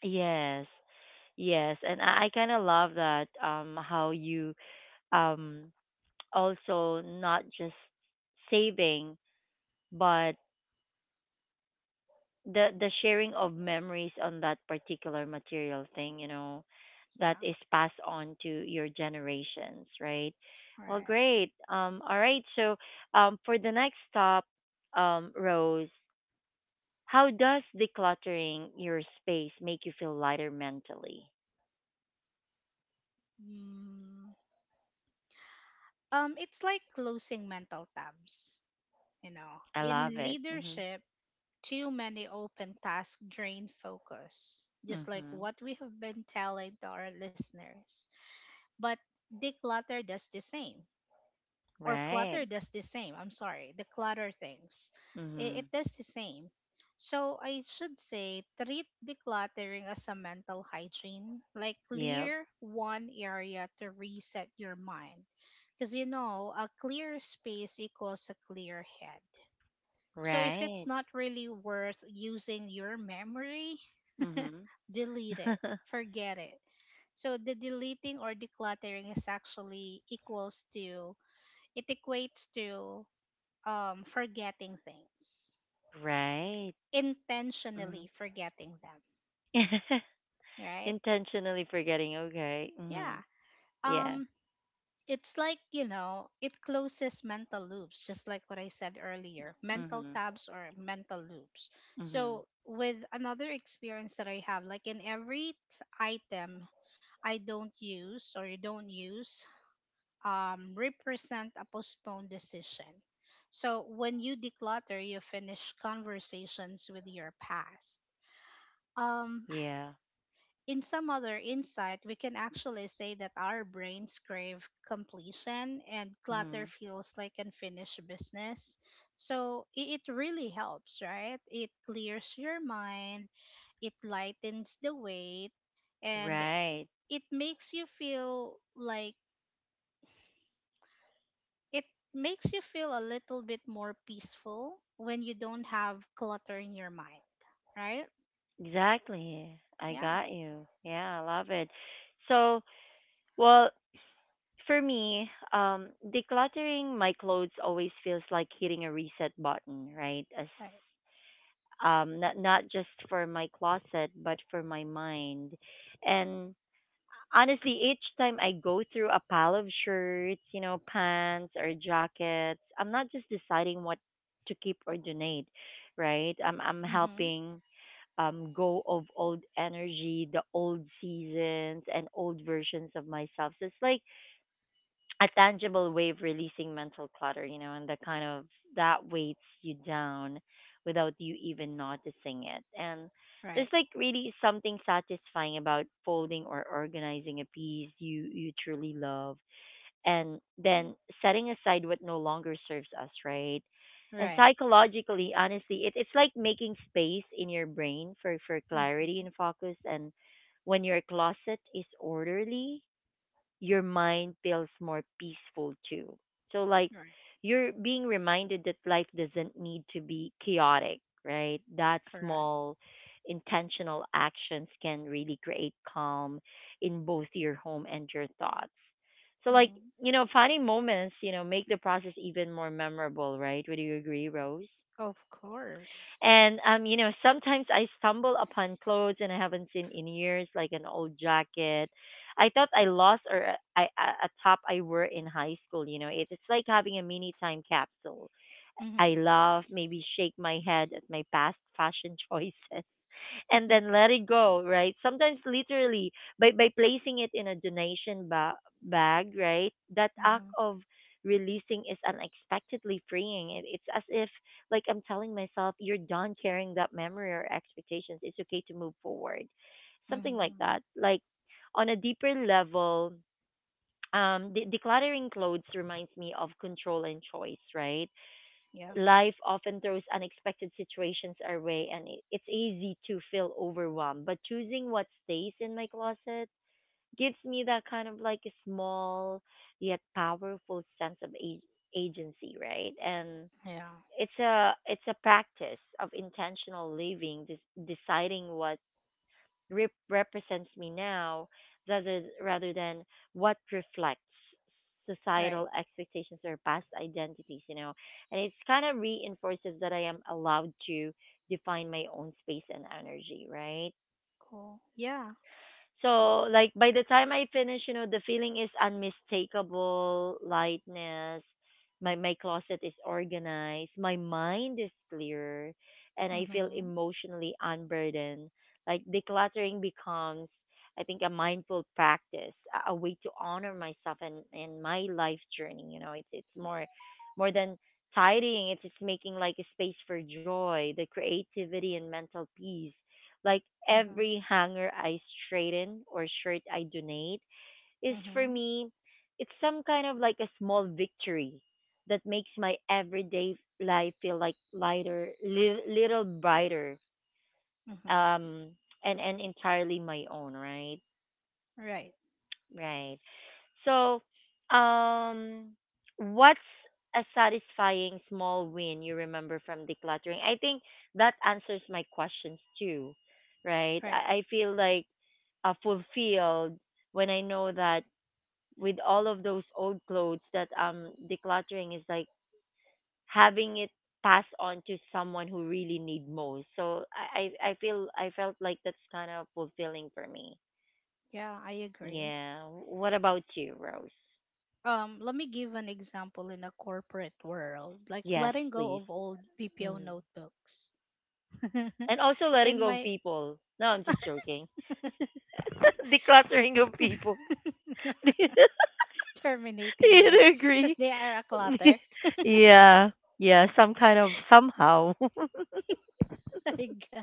S1: Yes. Yes, and I kind of love that how you um, also not just saving, but the sharing of memories on that particular material thing that
S2: Yeah,
S1: is passed on to your generations, right?
S2: all
S1: Well,
S2: right.
S1: great. All right. So, for the next stop, Rose, how does decluttering your space make you feel lighter mentally?
S2: Mm, it's like closing mental tabs, you know.
S1: I
S2: In
S1: love it. Mhm.
S2: leadership, too many open tasks drain focus, just like
S1: Mhm.
S2: what we have been telling to our listeners. But declutter does the same, or
S1: Right.
S2: clutter does the same. I'm sorry, the clutter things. It
S1: Mhm.
S2: does the same. So I should say treat decluttering as a mental hygiene, like
S1: Yep.
S2: clear one area to reset your mind. Because you know, a clear space equals a clear head, so if it's
S1: Right.
S2: not really worth using your memory,
S1: Mhm.
S2: delete it.
S1: [LAUGHS]
S2: Forget it. So the deleting or decluttering is actually equals to, it equates to, forgetting things.
S1: Right.
S2: Intentionally
S1: Mhm.
S2: forgetting them,
S1: [LAUGHS]
S2: right?
S1: Intentionally forgetting. Okay.
S2: Yeah.
S1: Mhm. Yeah.
S2: Um it's like, you know, it closes mental loops, just like what I said earlier, mental
S1: Mhm.
S2: tabs or mental loops.
S1: Mhm.
S2: So with another experience that I have, like, in every item I don't use or you don't use, represent a postponed decision. So when you declutter, you finish conversations with your past. um
S1: Yeah.
S2: in some other insight, we can actually say that our brains crave completion, and
S1: Mhm.
S2: clutter feels like unfinished business. So it really helps, right? It clears your mind, it lightens the weight, and
S1: Right.
S2: it makes you feel like it makes you feel a little bit more peaceful when you don't have clutter in your mind, right?
S1: Exactly. I
S2: Yeah,
S1: got you. Yeah, I love it. So, well, for me, decluttering my clothes always feels like hitting a reset button, right? As
S2: right.
S1: not just for my closet, but for my mind, and honestly, each time I go through a pile of shirts, you know, pants or jackets, I'm not just deciding what to keep or donate, right? I'm
S2: Mm-hmm.
S1: helping go of old energy, the old seasons, and old versions of myself. So it's like a tangible way of releasing mental clutter, and that kind of that weights you down without you even noticing it. And there's
S2: Right,
S1: like really something satisfying about folding or organizing a piece you truly love, and then setting aside what no longer serves us, right? And
S2: right.
S1: psychologically, honestly, it's like making space in your brain for clarity
S2: Mm-hmm.
S1: and focus. And when your closet is orderly, your mind feels more peaceful too. So like
S2: Right,
S1: you're being reminded that life doesn't need to be chaotic, right? That
S2: correct.
S1: small intentional actions can really create calm in both your home and your thoughts. So like,
S2: Mhm.
S1: funny moments, make the process even more memorable, right? Would you agree, Rose?
S2: Of course.
S1: And sometimes I stumble upon clothes and I haven't seen in years, like an old jacket. I thought I lost, or I a top I wore in high school. You know, it's like having a mini time capsule. I
S2: Mhm.
S1: laugh, maybe shake my head at my past fashion choices, [LAUGHS] and
S2: Mhm.
S1: then let it go, right? Sometimes literally by placing it in a donation bag, right? That act
S2: Mhm.
S1: of releasing is unexpectedly freeing. It's as if like I'm telling myself, you're done carrying that memory or expectations. It's okay to move forward. Something like that.
S2: [LAUGHS]
S1: Like on a deeper level, decluttering clothes reminds me of control and choice, right?
S2: Yeah.
S1: Life often throws unexpected situations our way, and it's easy to feel overwhelmed. But choosing what stays in my closet gives me that kind of like a small, yet powerful sense of agency, right? And
S2: Yeah.
S1: it's a practice of intentional living, deciding what represents me now rather than what reflects societal
S2: Right.
S1: expectations or past identities. And it's kind of reinforces that I am allowed to define my own space and energy, right?
S2: Cool. Yeah.
S1: So like by the time I finish, the feeling is unmistakable lightness. My closet is organized, my mind is clear, and I feel
S2: Mhm.
S1: emotionally unburdened. Like decluttering becomes, I think, a mindful practice, a way to honor myself and my life journey. It's more than tidying, it's making like a space for joy, the creativity and mental peace like every
S2: Mhm.
S1: hanger I straighten or shirt I donate is for
S2: Mhm.
S1: me, it's some kind of like a small victory that makes my everyday life feel like lighter, little brighter,
S2: Mhm.
S1: um, and entirely my own, right?
S2: Right.
S1: Right. So, um, what's a satisfying small win you remember from decluttering? I think that answers my questions too, right?
S2: Right.
S1: I feel like fulfilled when I know that with all of those old clothes that I'm decluttering is like having it passed on to someone who really need most. So I feel I felt like that's kind of fulfilling for me.
S2: Yeah, I agree.
S1: Yeah. What about you, Rose?
S2: Let me give an example in a corporate world, like
S1: Yes,
S2: letting go
S1: please.
S2: of old BPO
S1: Mm.
S2: notebooks. [LAUGHS]
S1: And also letting go
S2: In
S1: of
S2: my,
S1: people. No, I'm just joking. [LAUGHS] Decluttering of people. [LAUGHS] You'd
S2: [LAUGHS] terminating them
S1: agree?
S2: because they are a
S1: [LAUGHS]
S2: clutter.
S1: Yeah. Yeah, some kind of somehow. [LAUGHS]
S2: [LAUGHS] Like,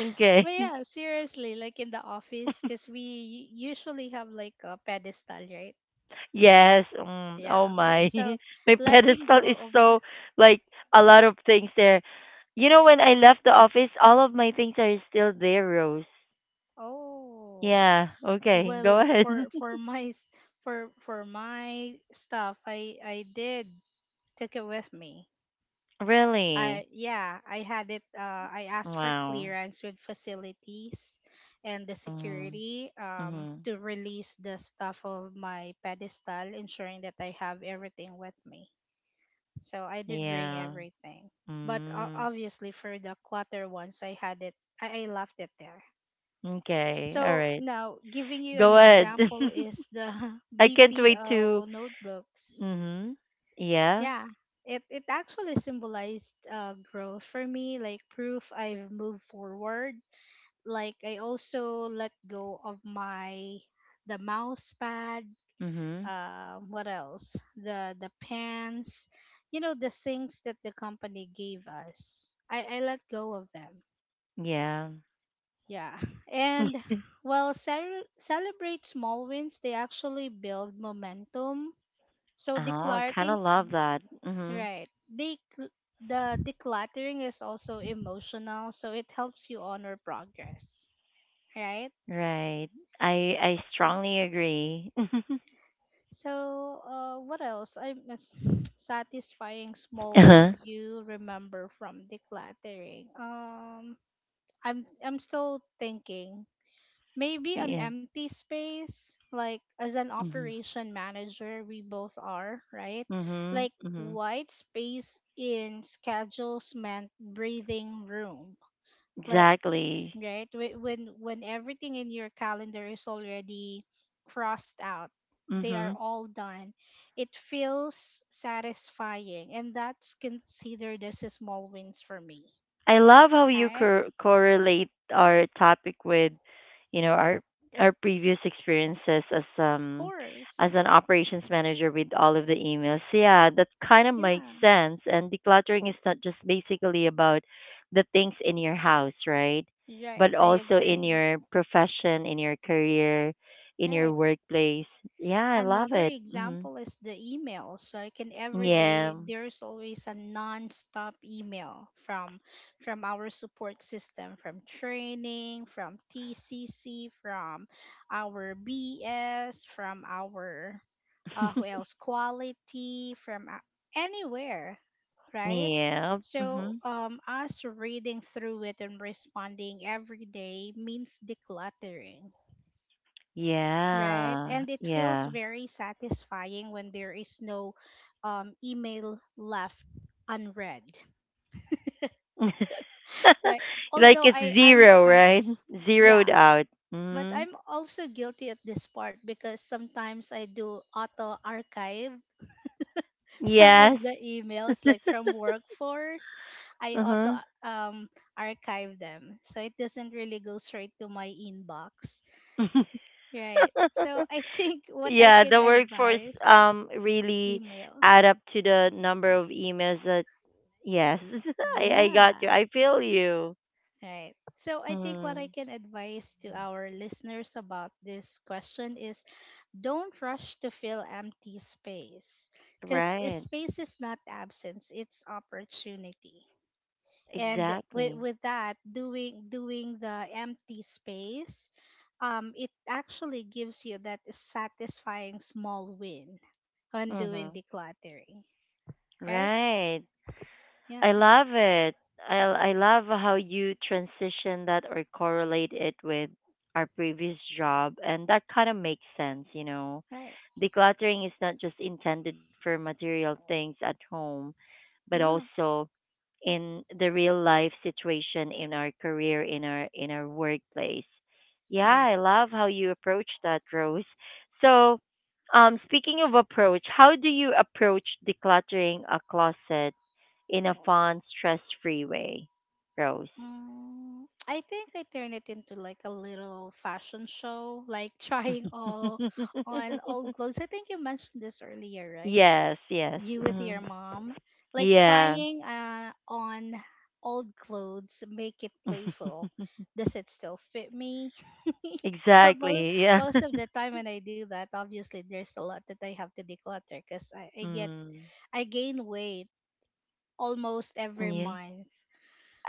S1: Okay.
S2: but
S1: [LAUGHS]
S2: yeah, seriously, like in the office, because we usually have like a pedestal, right?
S1: Yes.
S2: Yeah,
S1: Oh
S2: okay.
S1: my.
S2: So
S1: [LAUGHS] My
S2: letting
S1: pedestal
S2: go
S1: is
S2: of my,
S1: so like a lot of things there. You know, when I left the office, all of my things are still there, Rose.
S2: oh
S1: Yeah. Okay. Go
S2: well,
S1: ahead.
S2: for
S1: [LAUGHS]
S2: for my stuff, I did, took it with me.
S1: Really?
S2: I Yeah, I had it, I asked for
S1: Wow.
S2: clearance with facilities and the
S1: Mm.
S2: security
S1: Mm.
S2: to release the stuff of my pedestal, ensuring that I have everything with me. So I did bring
S1: Yeah.
S2: everything. But,
S1: Mm.
S2: obviously for the clutter ones, I had it, I left it there.
S1: Okay. All
S2: So
S1: right.
S2: now, giving you an
S1: Go ahead.
S2: example is the [LAUGHS]
S1: [LAUGHS] I can't wait to.
S2: BPO notebooks.
S1: Mhm. Yeah.
S2: Yeah, it actually symbolized, growth for me, like proof I've moved forward. Like I also let go of my the mouse pad.
S1: Mhm.
S2: What else? The pens. You know, the things that the company gave us. I let go of them.
S1: Yeah.
S2: Yeah.
S1: [LAUGHS] Oh,
S2: And while celebrate small wins, they actually build momentum. So
S1: I kind of
S2: decluttering,
S1: love that. Mhm.
S2: right. The decluttering is also emotional, so it helps you honor progress, right?
S1: Right. I strongly agree. [LAUGHS]
S2: So, what else? I miss [SNIFFS] satisfying small win
S1: Uh-huh.
S2: you remember from decluttering. I'm still thinking. Maybe an
S1: Yeah.
S2: empty space, like as an
S1: Mhm.
S2: operation manager, we both are, right?
S1: Mhm.
S2: Like
S1: Mhm.
S2: white space in schedules meant breathing room. Like,
S1: Exactly.
S2: right, when everything in your calendar is already crossed out, they are
S1: Mhm.
S2: all done. It feels satisfying, and that's considered as a small wins for me.
S1: I love how you
S2: Right?
S1: correlate our topic with, you know, our previous experiences
S2: Of course.
S1: as an operations manager with all of the emails. So, yeah, that kind of makes
S2: Yeah.
S1: sense. And decluttering is not just basically about the things in your house, right?
S2: Right.
S1: But
S2: I
S1: also in
S2: agree.
S1: your profession, in your career, in your
S2: Right.
S1: workplace. Yeah, I love
S2: Another
S1: it. Hmm.
S2: example is the emails. Like in every
S1: Yeah.
S2: day, there's always a non-stop email from our support system, from training, from TCC, from our BS, from our, who
S1: [LAUGHS]
S2: else, quality, from anywhere, right?
S1: Yeah.
S2: So,
S1: Hmm.
S2: us reading through it and responding every day means decluttering, right?
S1: Yeah.
S2: And it feels
S1: Yeah.
S2: very satisfying when there is no email left unread,
S1: [LAUGHS]
S2: right?
S1: [LAUGHS] Like
S2: Although
S1: it's
S2: I'm
S1: zero,
S2: kind,
S1: right?
S2: yeah,
S1: Zeroed out.
S2: but
S1: Mm.
S2: I'm also guilty at this part because sometimes I do auto archive [LAUGHS] some of
S1: Yes.
S2: the emails, like
S1: [LAUGHS]
S2: from workforce. I
S1: Uh-huh.
S2: auto, um archive them. So it doesn't really go straight to my inbox,
S1: [LAUGHS]
S2: right? So I [LAUGHS] think what I
S1: Yeah,
S2: can
S1: the workforce
S2: advise
S1: really
S2: emails.
S1: add up to the number of emails that yes, [LAUGHS] I got you.
S2: Yeah,
S1: I feel you.
S2: right. So I think what I
S1: Mm.
S2: can advise to our listeners about this question is, don't rush to fill empty space, because
S1: Right.
S2: space is not absence, it's opportunity. And with,
S1: Exactly.
S2: with that, doing the empty space, it actually gives you that satisfying small win on doing
S1: Mhm.
S2: decluttering, right?
S1: Right. I
S2: Yeah,
S1: love it. I love how you transition that or correlate it with our previous job, and that kind of makes sense, you know.
S2: right.
S1: Decluttering is not just intended for material things at home but
S2: Yeah,
S1: also in the real life situation in our career in our workplace. Yeah,
S2: right.
S1: I love how you approach that, Rose. So speaking of approach, how do you approach decluttering a closet in a fun, stress free way, Rose?
S2: Mm, I think I turned it into like a little fashion show, like [LAUGHS] trying
S1: [LAUGHS]
S2: all on old clothes. I think you mentioned this earlier, right?
S1: Yes, yes.
S2: You with
S1: Mhm.
S2: your mom, like
S1: Yeah.
S2: trying, on old clothes, make it
S1: [LAUGHS]
S2: playful. Does it still fit me? [LAUGHS] But
S1: Exactly,
S2: most
S1: yeah.
S2: most of
S1: [LAUGHS]
S2: the time when I do that, obviously there's a lot that I have to declutter because
S1: Mm.
S2: I gain weight almost every
S1: Yeah,
S2: month.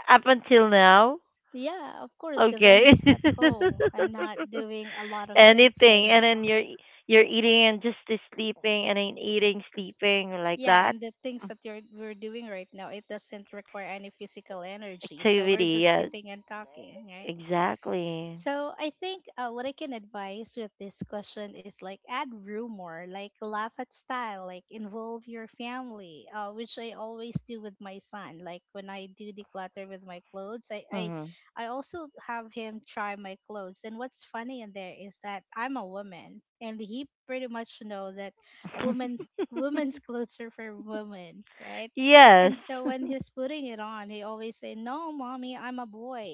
S1: up until now.
S2: Yeah, of course, because
S1: Okay.
S2: I'm just at
S1: [LAUGHS]
S2: home. I'm not doing a lot of things right
S1: Anything, and
S2: now.
S1: then you're you're eating and just sleeping, and then eating, sleeping like
S2: Yeah,
S1: that.
S2: and the things
S1: Mm,
S2: that you're we're doing right now, it doesn't require any physical energy. So we're
S1: activity.
S2: just
S1: Yeah,
S2: sitting and talking, right?
S1: exactly.
S2: So I think, what I can advise with this question is, like, add rumor, like laugh at style, like involve your family, which I always do with my son. Like when I do declutter with my clothes,
S1: Hmm.
S2: I also have him try my clothes. And what's funny in there is that I'm a woman, and he pretty much know that women women's [LAUGHS] clothes are for women, right?
S1: Yes.
S2: And so when he's putting it on, he always say, "No, mommy, I'm a boy."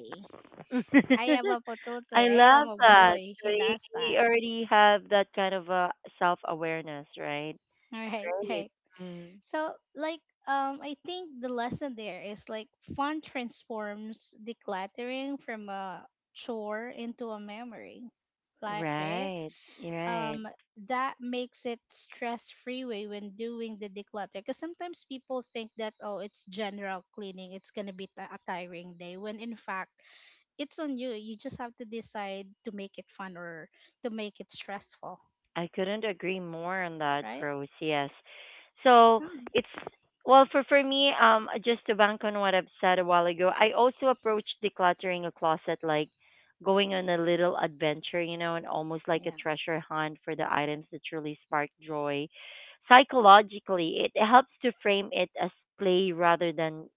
S2: I
S1: [LAUGHS]
S2: am a
S1: I
S2: pototoy. I am
S1: love
S2: a
S1: that.
S2: boy.
S1: So
S2: He
S1: you
S2: does
S1: you
S2: that.
S1: already have that kind of a self awareness, right?
S2: [LAUGHS] All right, right.
S1: Great. Mm.
S2: So, like, I think the lesson there is, like, fun transforms decluttering from a chore into a memory. Like, right?
S1: Right. Right.
S2: Um that makes it stress free way when doing the declutter, because sometimes people think that, oh, it's general cleaning, it's going to be a tiring day, when in fact, it's on you. You just have to decide to make it fun or to make it stressful,
S1: I couldn't agree more on that,
S2: right?
S1: Rose. Yes. So
S2: Hmm.
S1: it's well for me. Just to bank on what I've said a while ago, I also approach decluttering a closet like going on a little adventure, you know, and almost like a
S2: Yeah.
S1: treasure hunt for the items that truly spark joy. Psychologically, it helps to frame it as play rather than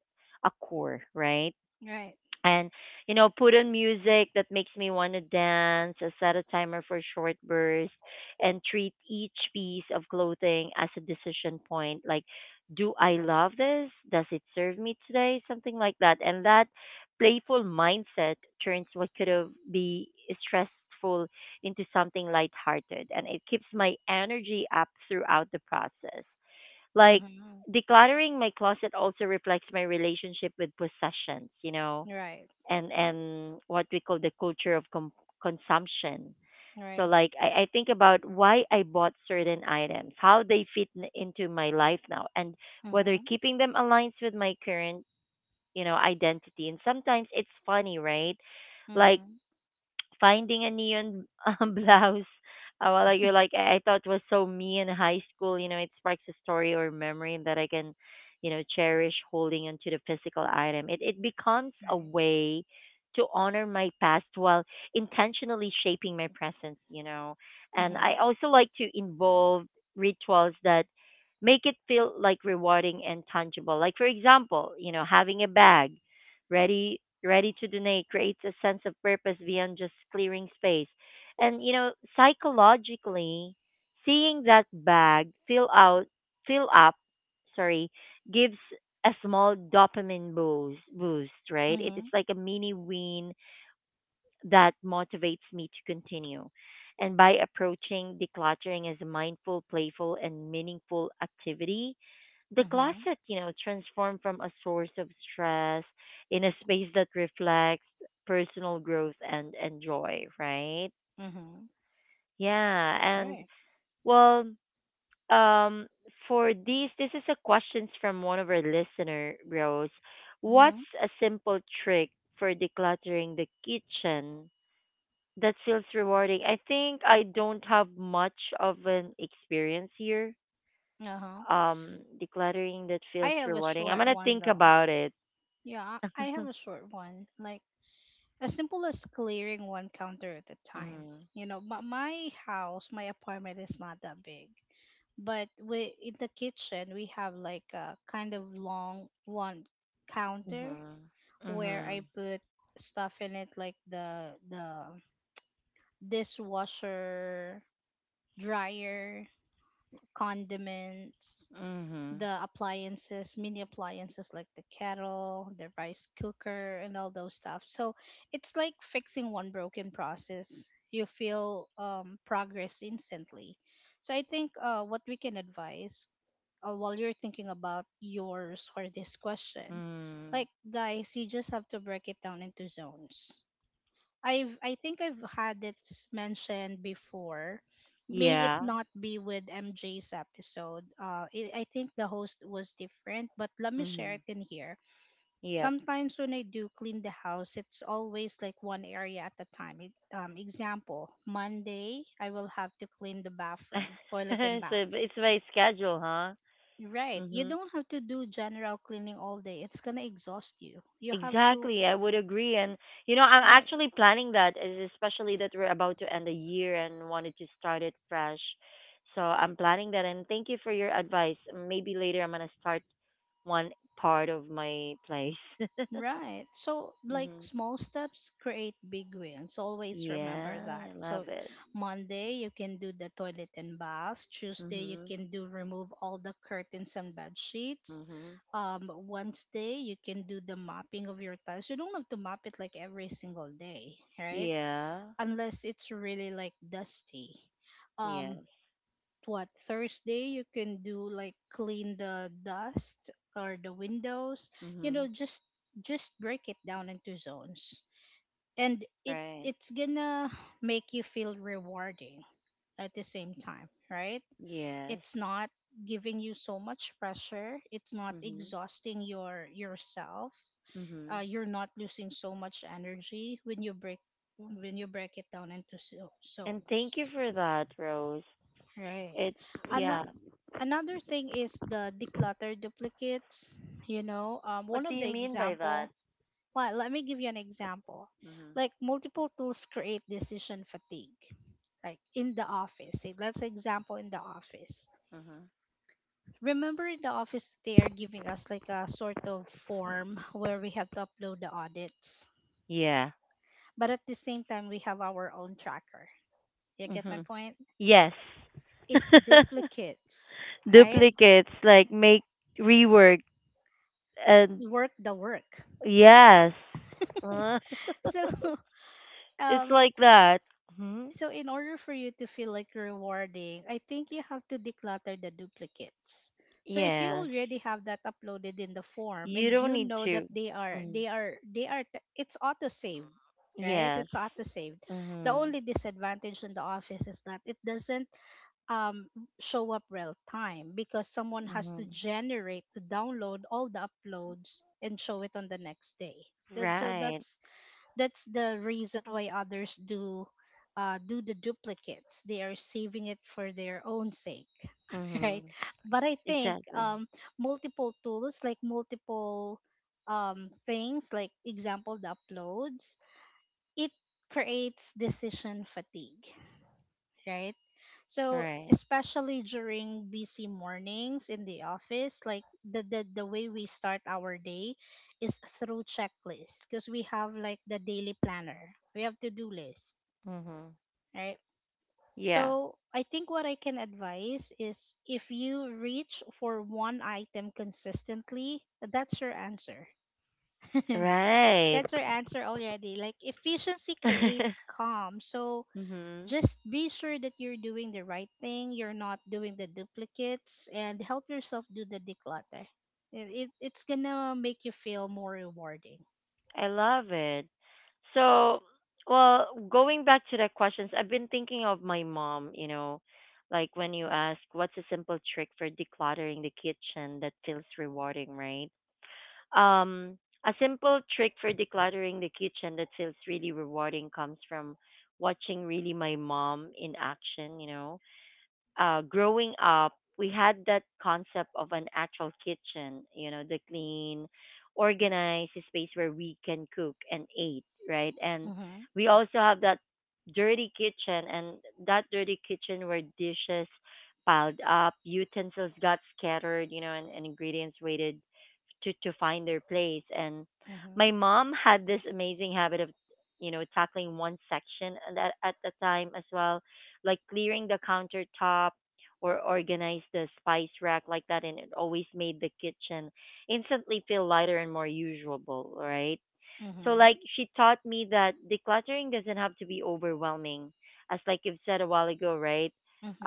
S1: a chore, right?
S2: Right.
S1: And you know, put on music that makes me want to dance, set a timer for short bursts and treat each piece of clothing as a decision point, like, do I love this? Does it serve me today? Something like that. And that playful mindset turns what could have be stressful into something lighthearted, and it keeps my energy up throughout the process. Like
S2: Mhm.
S1: decluttering my closet also reflects my relationship with possessions, you know,
S2: Right.
S1: and what we call the culture of consumption. So
S2: Right.
S1: like I think about why I bought certain items, how they fit into my life now, and whether
S2: Mhm.
S1: keeping them aligns with my current, you know, identity. And sometimes it's funny, right? Like
S2: Mhm.
S1: finding a neon [LAUGHS] blouse. Well, like you're like I thought was so me in high school. You know, it sparks a story or memory that I can, you know, cherish holding onto the physical item. It becomes a
S2: Right.
S1: way to honor my past while intentionally shaping my present. You know, and I
S2: Mhm.
S1: also like to involve rituals that make it feel like rewarding and tangible. Like, for example, you know, having a bag ready ready to donate creates a sense of purpose beyond just clearing space. And you know, psychologically, seeing that bag fill up, sorry, gives a small dopamine boost, right? It, it's
S2: Mhm.
S1: like a mini win that motivates me to continue. And by approaching decluttering as a mindful, playful and meaningful activity, the
S2: Mhm.
S1: closet, you know, transformed from a source of stress in a space that reflects personal growth and joy, right?
S2: Mhm.
S1: Yeah. And
S2: Right.
S1: well, um, for these, this is a questions from one of our listener, Rose. What's
S2: Mhm.
S1: a simple trick for decluttering the kitchen that feels rewarding? I think I don't have much of an experience here.
S2: Uh-huh.
S1: Decluttering that
S2: I
S1: feels
S2: have a
S1: rewarding. I'm
S2: short
S1: gonna
S2: one
S1: think
S2: though.
S1: about it.
S2: Yeah, I have
S1: [LAUGHS]
S2: a short one. Like as simple as clearing one counter at a time.
S1: Mm.
S2: You know, my house, my apartment is not that big. But we in the kitchen we have like a kind of long one counter
S1: Mhm.
S2: where I
S1: Mhm.
S2: put stuff in it like the dishwasher, dryer, condiments,
S1: Mhm.
S2: the appliances, mini appliances like the kettle, the rice cooker and all those stuff. So it's like fixing one broken process. You feel progress instantly. So I think what we can advise while you're thinking about yours for this question,
S1: Mm.
S2: like guys, you just have to break it down into zones. I think I've had mentioned before. May it
S1: Yeah.
S2: not be with MJ's episode. I think the host was different, but let me share
S1: Mhm.
S2: it in here.
S1: Yep.
S2: Sometimes when I do clean the house, it's always like one area at a time. Example: Monday, I will have to clean the bathroom,
S1: [LAUGHS] So
S2: toilet, and bath.
S1: it's by schedule, huh?
S2: Right. You
S1: Mhm.
S2: don't have to do general cleaning all day. It's gonna exhaust you. You have to.
S1: Exactly. I would agree, and you know, I'm
S2: Right.
S1: actually planning that, especially that we're about to end the year and wanted to start it fresh. So I'm planning that, and thank you for your advice. Maybe later I'm gonna start one part of my place. [LAUGHS]
S2: Right. So, like
S1: Mhm.
S2: small steps create big wins. Always remember
S1: Yeah,
S2: that.
S1: I
S2: So,
S1: love it.
S2: Monday, you can do the toilet and bath. Tuesday, you
S1: Mhm.
S2: can do remove all the curtains and bed sheets.
S1: Mhm.
S2: Wednesday, you can do the mopping of your tiles. You don't have to mop it like every single day, right?
S1: Yeah.
S2: Unless it's really like dusty. Um,
S1: Yes.
S2: what Thursday you can do like clean the dust or the windows, you know,
S1: Mhm.
S2: just break it down into zones, and
S1: Right.
S2: it's gonna make you feel rewarding at the same time, right?
S1: Yes.
S2: It's not giving you so much pressure, it's not
S1: Mhm.
S2: exhausting yourself.
S1: Mhm.
S2: You're not losing so much energy when you break it down into
S1: And thank you
S2: zones,
S1: for that, Rose.
S2: right?
S1: It
S2: And
S1: yeah.
S2: another thing is the declutter duplicates, you know. um, one
S1: What do
S2: of
S1: you
S2: the
S1: mean by that?
S2: example well let me give you an example,
S1: Mhm.
S2: like multiple tools create decision fatigue, like in the office, say let's example in the office,
S1: Mhm.
S2: remember in the office they are giving us like a sort of form where we have to upload the audits,
S1: Yeah.
S2: but at the same time we have our own tracker. You get my
S1: Mhm.
S2: point,
S1: Yes.
S2: it
S1: [LAUGHS]
S2: duplicates, right?
S1: Duplicates like make rework and
S2: Work the work.
S1: yes. Uh,
S2: [LAUGHS] So
S1: [LAUGHS]
S2: [LAUGHS]
S1: it's
S2: um,
S1: like that. Mhm.
S2: so in order for you to feel like rewarding, I think you have to declutter the duplicates. So if you
S1: Yes.
S2: already have that uploaded in the form
S1: You
S2: and
S1: don't
S2: you
S1: need
S2: know that
S1: to. Mm-hmm.
S2: it's auto saved, right?
S1: Yes.
S2: It's auto saved. The
S1: Mhm.
S2: only disadvantage in the office is that it doesn't um show up real time because someone has to
S1: Mhm.
S2: generate to download all the uploads and show it on the next day. That- So
S1: Right.
S2: that's that's the reason why others do do the duplicates, they are saving it for their own sake. [LAUGHS] Right,
S1: Mhm.
S2: but I think
S1: Exactly.
S2: multiple tools, like multiple things like example the uploads, it creates decision fatigue, right? So
S1: Right.
S2: especially during busy mornings in the office, like the way we start our day is through checklists because we have like the daily planner. We have to do list,
S1: Mhm.
S2: right?
S1: Yeah.
S2: So I think what I can advise is if you reach for one item consistently, that's your answer. [LAUGHS]
S1: Right.
S2: That's your answer already. Like efficiency creates
S1: [LAUGHS]
S2: calm. So
S1: Mhm.
S2: just be sure that you're doing the right thing, you're not doing the duplicates, and help yourself do the declutter. It's gonna make you feel more rewarding.
S1: I love it. So, well, going back to the questions, I've been thinking of my mom, you know, like when you ask what's a simple trick for decluttering the kitchen that feels rewarding, right? Um, a simple trick for decluttering the kitchen that feels really rewarding comes from watching really my mom in action, you know. Growing up, we had that concept of an actual kitchen, you know, the clean, organized space where we can cook and eat, right? And
S2: Mm-hmm.
S1: we also have that dirty kitchen and that dirty kitchen where dishes piled up, utensils got scattered, you know, and ingredients weighted to find their place. And my
S2: Mm-hmm.
S1: mom had this amazing habit of, you know, tackling one section at a time as well, like clearing the countertop or organize the spice rack like that, and it always made the kitchen instantly feel lighter and more usable, right? So
S2: Mm-hmm.
S1: like she taught me that decluttering doesn't have to be overwhelming. As like you've said a while ago, right?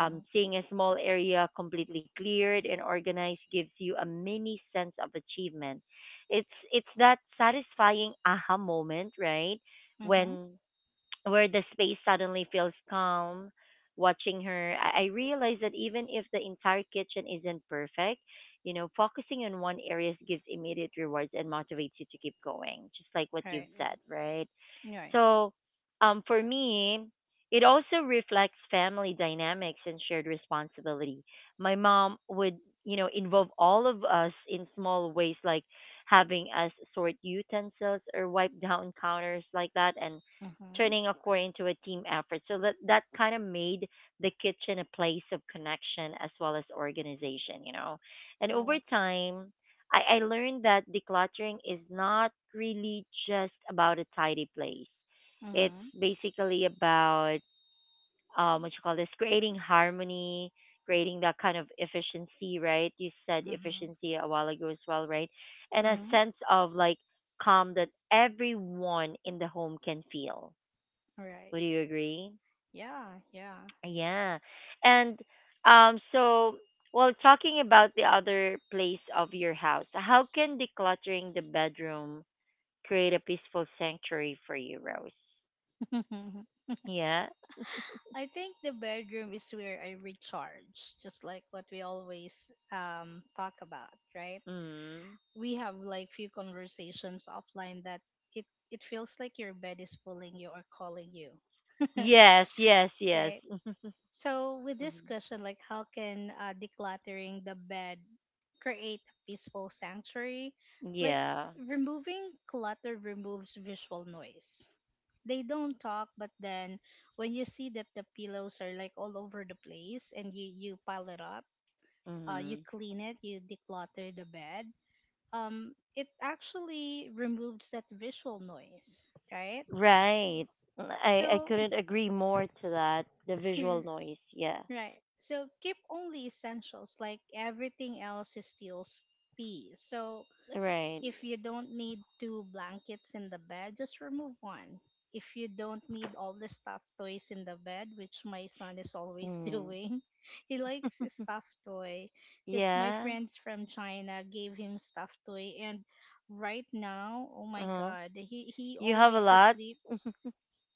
S1: Seeing a small area completely cleared and organized gives you a mini sense of achievement. It's that satisfying aha moment, right?
S2: Mm-hmm.
S1: When Where the space suddenly feels calm. Watching her, I realize that even if the entire kitchen isn't perfect, you know, focusing on one area gives immediate rewards and motivates you to keep going, just like what you've
S2: Right.
S1: said, right?
S2: Right.
S1: So for me, it also reflects family dynamics and shared responsibility. My mom would, you know, involve all of us in small ways, like having us sort utensils or wipe down counters like that, and
S2: Mm-hmm.
S1: turning a core into a team effort. So that that kind of made the kitchen a place of connection as well as organization, you know. And over
S2: Cool.
S1: time, I learned that decluttering is not really just about a tidy place. It's
S2: Mm-hmm.
S1: basically about what you call this, creating harmony, creating that kind of efficiency, right? You said
S2: Mm-hmm.
S1: efficiency a while ago as well, right? And a
S2: Mm-hmm.
S1: sense of like calm that everyone in the home can feel.
S2: Right.
S1: Would you agree?
S2: Yeah, yeah.
S1: Yeah. And um so well, talking about the other place of your house, how can decluttering the bedroom create a peaceful sanctuary for you, Rose?
S2: [LAUGHS]
S1: Yeah.
S2: I think the bedroom is where I recharge, just like what we always talk about, right?
S1: Mm.
S2: We have like few conversations offline that it feels like your bed is pulling you or calling you,
S1: Yes, yes, yes.
S2: right?
S1: [LAUGHS]
S2: So with this
S1: Mhm.
S2: question, like how can decluttering the bed create a peaceful sanctuary, like
S1: Yeah.
S2: removing clutter removes visual noise. They don't talk, but then when you see that the pillows are like all over the place and you pile it up, you
S1: Mhm.
S2: clean it, you declutter the bed. It actually removes that visual noise, right?
S1: Right. I
S2: So,
S1: couldn't agree more to that. The visual
S2: [LAUGHS]
S1: noise. Yeah.
S2: right. So keep only essentials, like everything else is still peace. So
S1: Right.
S2: if you don't need two blankets in the bed, just remove one. If you don't need all the stuffed toys in the bed, which my son is always [LAUGHS]
S1: Mm.
S2: doing, he likes a stuffed toy because my
S1: Yeah.
S2: friends from China gave him stuffed toy. And right now, oh my
S1: Uh-huh.
S2: God, he
S1: You have a
S2: always
S1: lot?
S2: sleeps.
S1: [LAUGHS]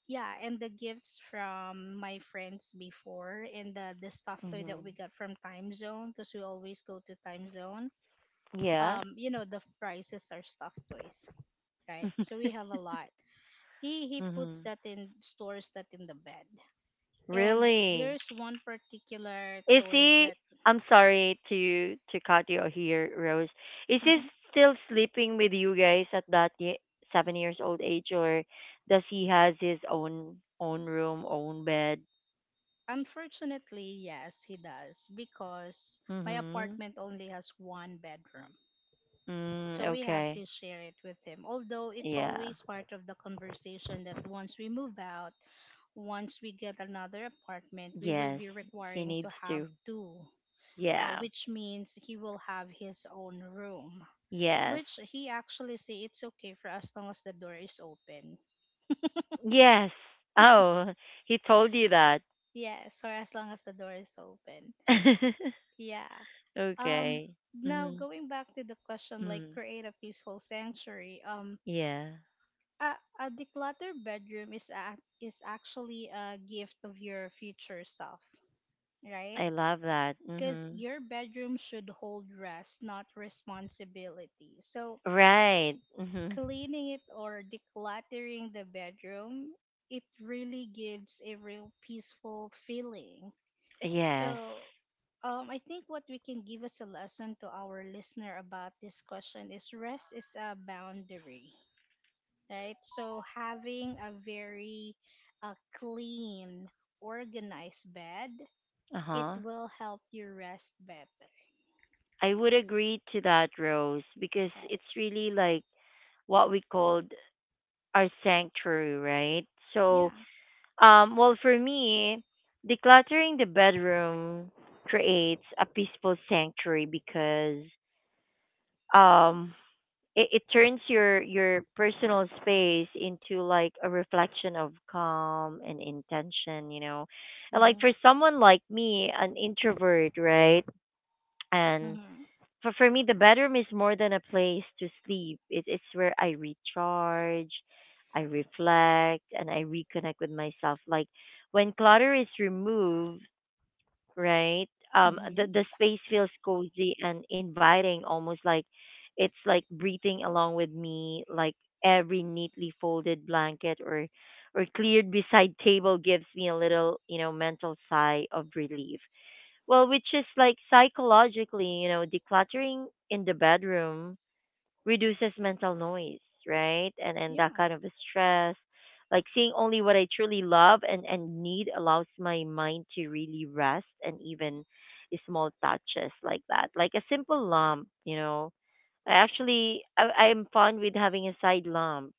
S2: Yeah, and the gifts from my friends before and the stuffed toy that we
S1: Mhm.
S2: got from Time Zone because we always go to Time Zone.
S1: Yeah.
S2: You know, the prices are stuffed toys, right? So
S1: [LAUGHS]
S2: we have a lot. He puts
S1: Mhm.
S2: that in stores that in the bed, and
S1: Really?
S2: there's one particular
S1: Is
S2: toy
S1: he?
S2: that
S1: I'm sorry to cut you here, Rose. Is he
S2: Mhm.
S1: still sleeping with you guys at that 7 years old age, or does he has his own room, own bed?
S2: Unfortunately yes he does, because my
S1: Mhm.
S2: apartment only has one bedroom,
S1: Mm,
S2: so we have
S1: okay.
S2: to share it with him, although it's
S1: Yeah.
S2: always part of the conversation that once we move out, once we get another apartment, we will
S1: Yes.
S2: be
S1: He
S2: requiring to
S1: needs
S2: have
S1: to.
S2: two,
S1: Yeah.
S2: which means he will have his own room,
S1: Yes.
S2: which he actually say it's okay for as long as the door is open.
S1: Yes. Oh, [LAUGHS] he told you that.
S2: Yes, or as long as the door is open. Yeah.
S1: [LAUGHS]
S2: Um.
S1: Okay.
S2: Now
S1: Mm-hmm.
S2: going back to the question, like
S1: Mm.
S2: create a peaceful sanctuary.
S1: Yeah.
S2: A, a decluttered bedroom is actually a gift of your future self, right?
S1: I love that.
S2: Because
S1: Mhm.
S2: your bedroom should hold rest, not responsibility. So
S1: Right. Mhm.
S2: cleaning it or decluttering the bedroom, it really gives a real peaceful feeling.
S1: Yes.
S2: So, I think what we can give as a lesson to our listener about this question is rest is a boundary, right? So, having a very clean, organized bed, it
S1: Uh-huh.
S2: will help you rest better,
S1: I would agree to that, Rose, because
S2: right?
S1: it's really like what we called our sanctuary, right?
S2: Yeah.
S1: So, well, for me, decluttering the bedroom creates a peaceful sanctuary because um it turns your personal space into like a reflection of calm and intention, you know. And like
S2: Mm-hmm.
S1: for someone like me, an introvert, right? And
S2: Mm-hmm.
S1: for me, the bedroom is more than a place to sleep. It's where I recharge, I reflect, and I reconnect with myself. Like, when clutter is removed, right? Um,
S2: Mm-hmm.
S1: the the space feels cozy and inviting, almost like it's like breathing along with me. Like every neatly folded blanket or cleared beside [LAUGHS] table gives me a little, you know, mental sigh of relief. Well, which is like psychologically, you know, decluttering in the bedroom reduces mental noise, right? And that
S2: Yeah.
S1: kind of stress. Like seeing only what I truly love and need allows my mind to really rest. And even small touches like that. Like a simple lump, you know. I actually, I am fond with having a side lump.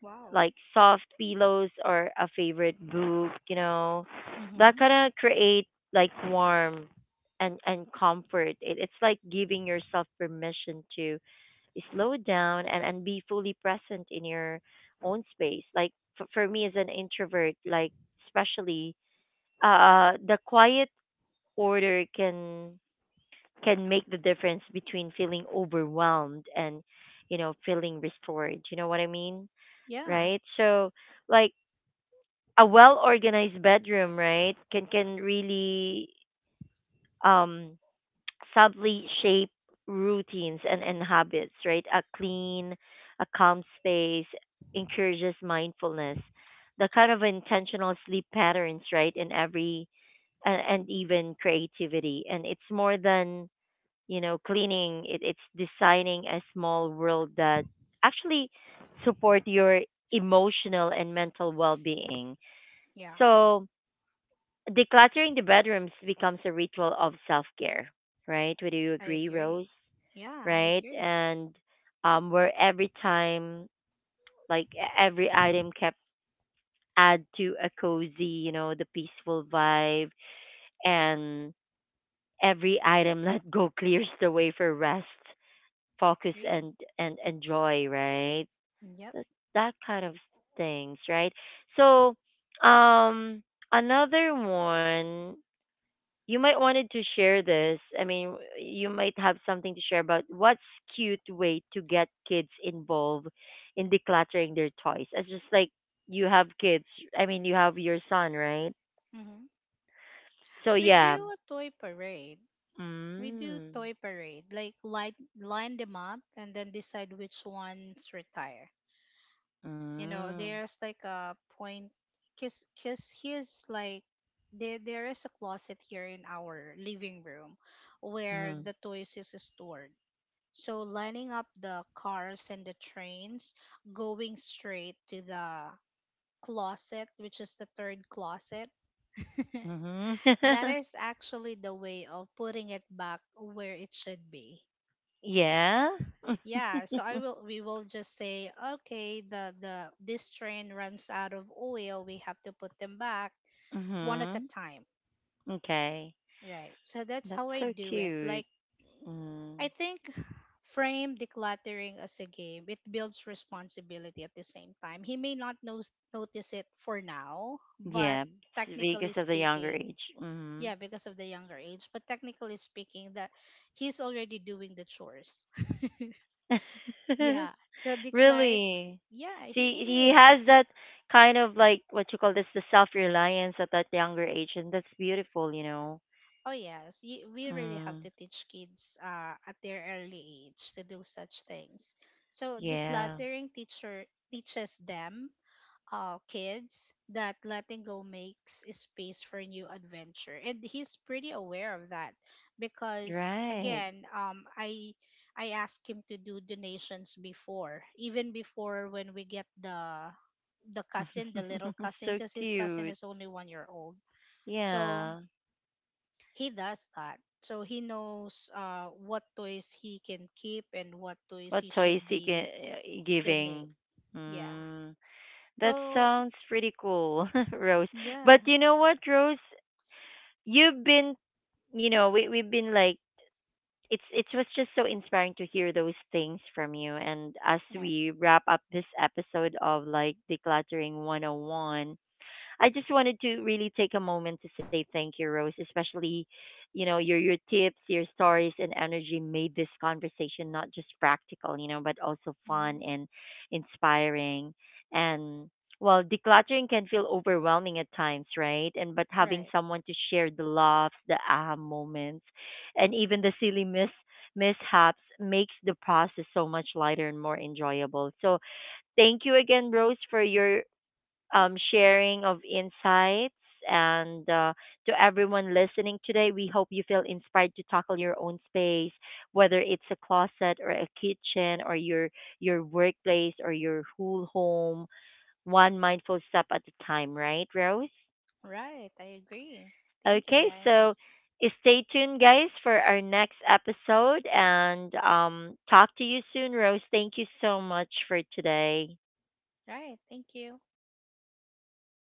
S2: Wow.
S1: Like soft pillows or a favorite book, you know. That
S2: Mm-hmm.
S1: kinda create like warmth and comfort. It's like giving yourself permission to slow down and be fully present in your own space. Like, for me as an introvert, like especially, the quiet order can make the difference between feeling overwhelmed and, you know, feeling restored, you know what I mean?
S2: Yeah.
S1: Right, so, like, a well organized bedroom, right, can really, um subtly shape routines and habits, right? A clean, a calm space encourages mindfulness, the kind of intentional sleep patterns, right? In every and even creativity. And it's more than, you know, cleaning. It's designing a small world that actually support your emotional and mental well-being.
S2: Yeah.
S1: So, decluttering the bedrooms becomes a ritual of self care, right? Would you
S2: I
S1: agree, Rose?
S2: agree. Yeah, I
S1: Right?
S2: agree.
S1: And where every time, like, every item kept add to a cozy, you know, the peaceful vibe, and every item [LAUGHS] let go clears the way for rest, focus,
S2: Agree.
S1: and and joy, right?
S2: Yep.
S1: That that kind of things, right? So, um, another one. You might wanted to share this. I mean, you might have something to share about what's cute way to get kids involved in decluttering their toys. It's just like, you have kids. I mean, you have your son, right?
S2: Hmm.
S1: So
S2: We
S1: yeah.
S2: do a toy parade. We do
S1: Mm.
S2: toy parade, like light, line them up and then decide which ones retire. You know,
S1: Mm.
S2: there's like a point, cause here's like there is a closet here in our living room where
S1: Mm.
S2: the toys is stored. So lining up the cars and the trains, going straight to the closet, which is the third closet,
S1: Mm-hmm.
S2: that
S1: [LAUGHS]
S2: is actually the way of putting it back where it should be.
S1: Yeah.
S2: Yeah,
S1: [LAUGHS]
S2: so I will we will just say, okay, the this train runs out of oil, we have to put them back one at a
S1: Mhm.
S2: time.
S1: Okay.
S2: Right. So that's
S1: That's
S2: how I
S1: so
S2: do it. Like
S1: cute.
S2: I
S1: Mm.
S2: think frame decluttering as a game. It builds responsibility at the same time. He may not notice it for now, but
S1: Yeah, it's
S2: technically
S1: because of the younger
S2: speaking,
S1: age. Mhm.
S2: yeah, because of the younger age. But technically speaking, that he's already doing the chores. [LAUGHS]
S1: [LAUGHS]
S2: Yeah. So declared,
S1: Really?
S2: yeah,
S1: See,
S2: he
S1: he has
S2: is.
S1: that kind of, like, what you call this, the self reliance at that younger age, and that's beautiful, you know.
S2: Oh yes, we really have
S1: Mm,
S2: to teach kids at their early age to do such things. So
S1: yeah,
S2: decluttering teacher teaches them kids that letting go makes space for new adventure, and he's pretty aware of that because
S1: right.
S2: again, I asked him to do donations before, even before when we get the cousin, the little
S1: [LAUGHS]
S2: cousin,
S1: So
S2: because his cousin
S1: cute.
S2: is only 1 year old, so
S1: Yeah.
S2: he does that, so he knows what toys he can keep and what toys he
S1: What toys
S2: should
S1: he
S2: be
S1: can
S2: donate,
S1: giving?
S2: yeah.
S1: Mm, that
S2: So
S1: sounds pretty cool, [LAUGHS] Rose.
S2: yeah,
S1: But you know what, Rose? You've been, you know, we've been like, it's it was just so inspiring to hear those things from you. And as
S2: right.
S1: we wrap up this episode of like decluttering 101, I just wanted to really take a moment to say thank you, Rose. Especially, you know, your tips, your stories, and energy made this conversation not just practical, you know, but also
S2: Mm-hmm.
S1: fun and inspiring. And, well, decluttering can feel overwhelming at times, right? And but having
S2: Right.
S1: someone to share the laughs, the aha moments, and even
S2: Mhm.
S1: the silly mishaps makes the process so much lighter and more enjoyable. So thank you again, Rose, for your sharing of insights. And to everyone listening today, we hope you feel inspired to tackle your own space, whether it's a closet or a kitchen or your workplace or your whole home, one mindful step at a time. Right, Rose?
S2: Right. I agree. Thank you,
S1: Okay,
S2: guys.
S1: so stay tuned, guys, for our next episode, and talk to you soon, Rose. Thank you so much for today.
S2: Right. Thank you.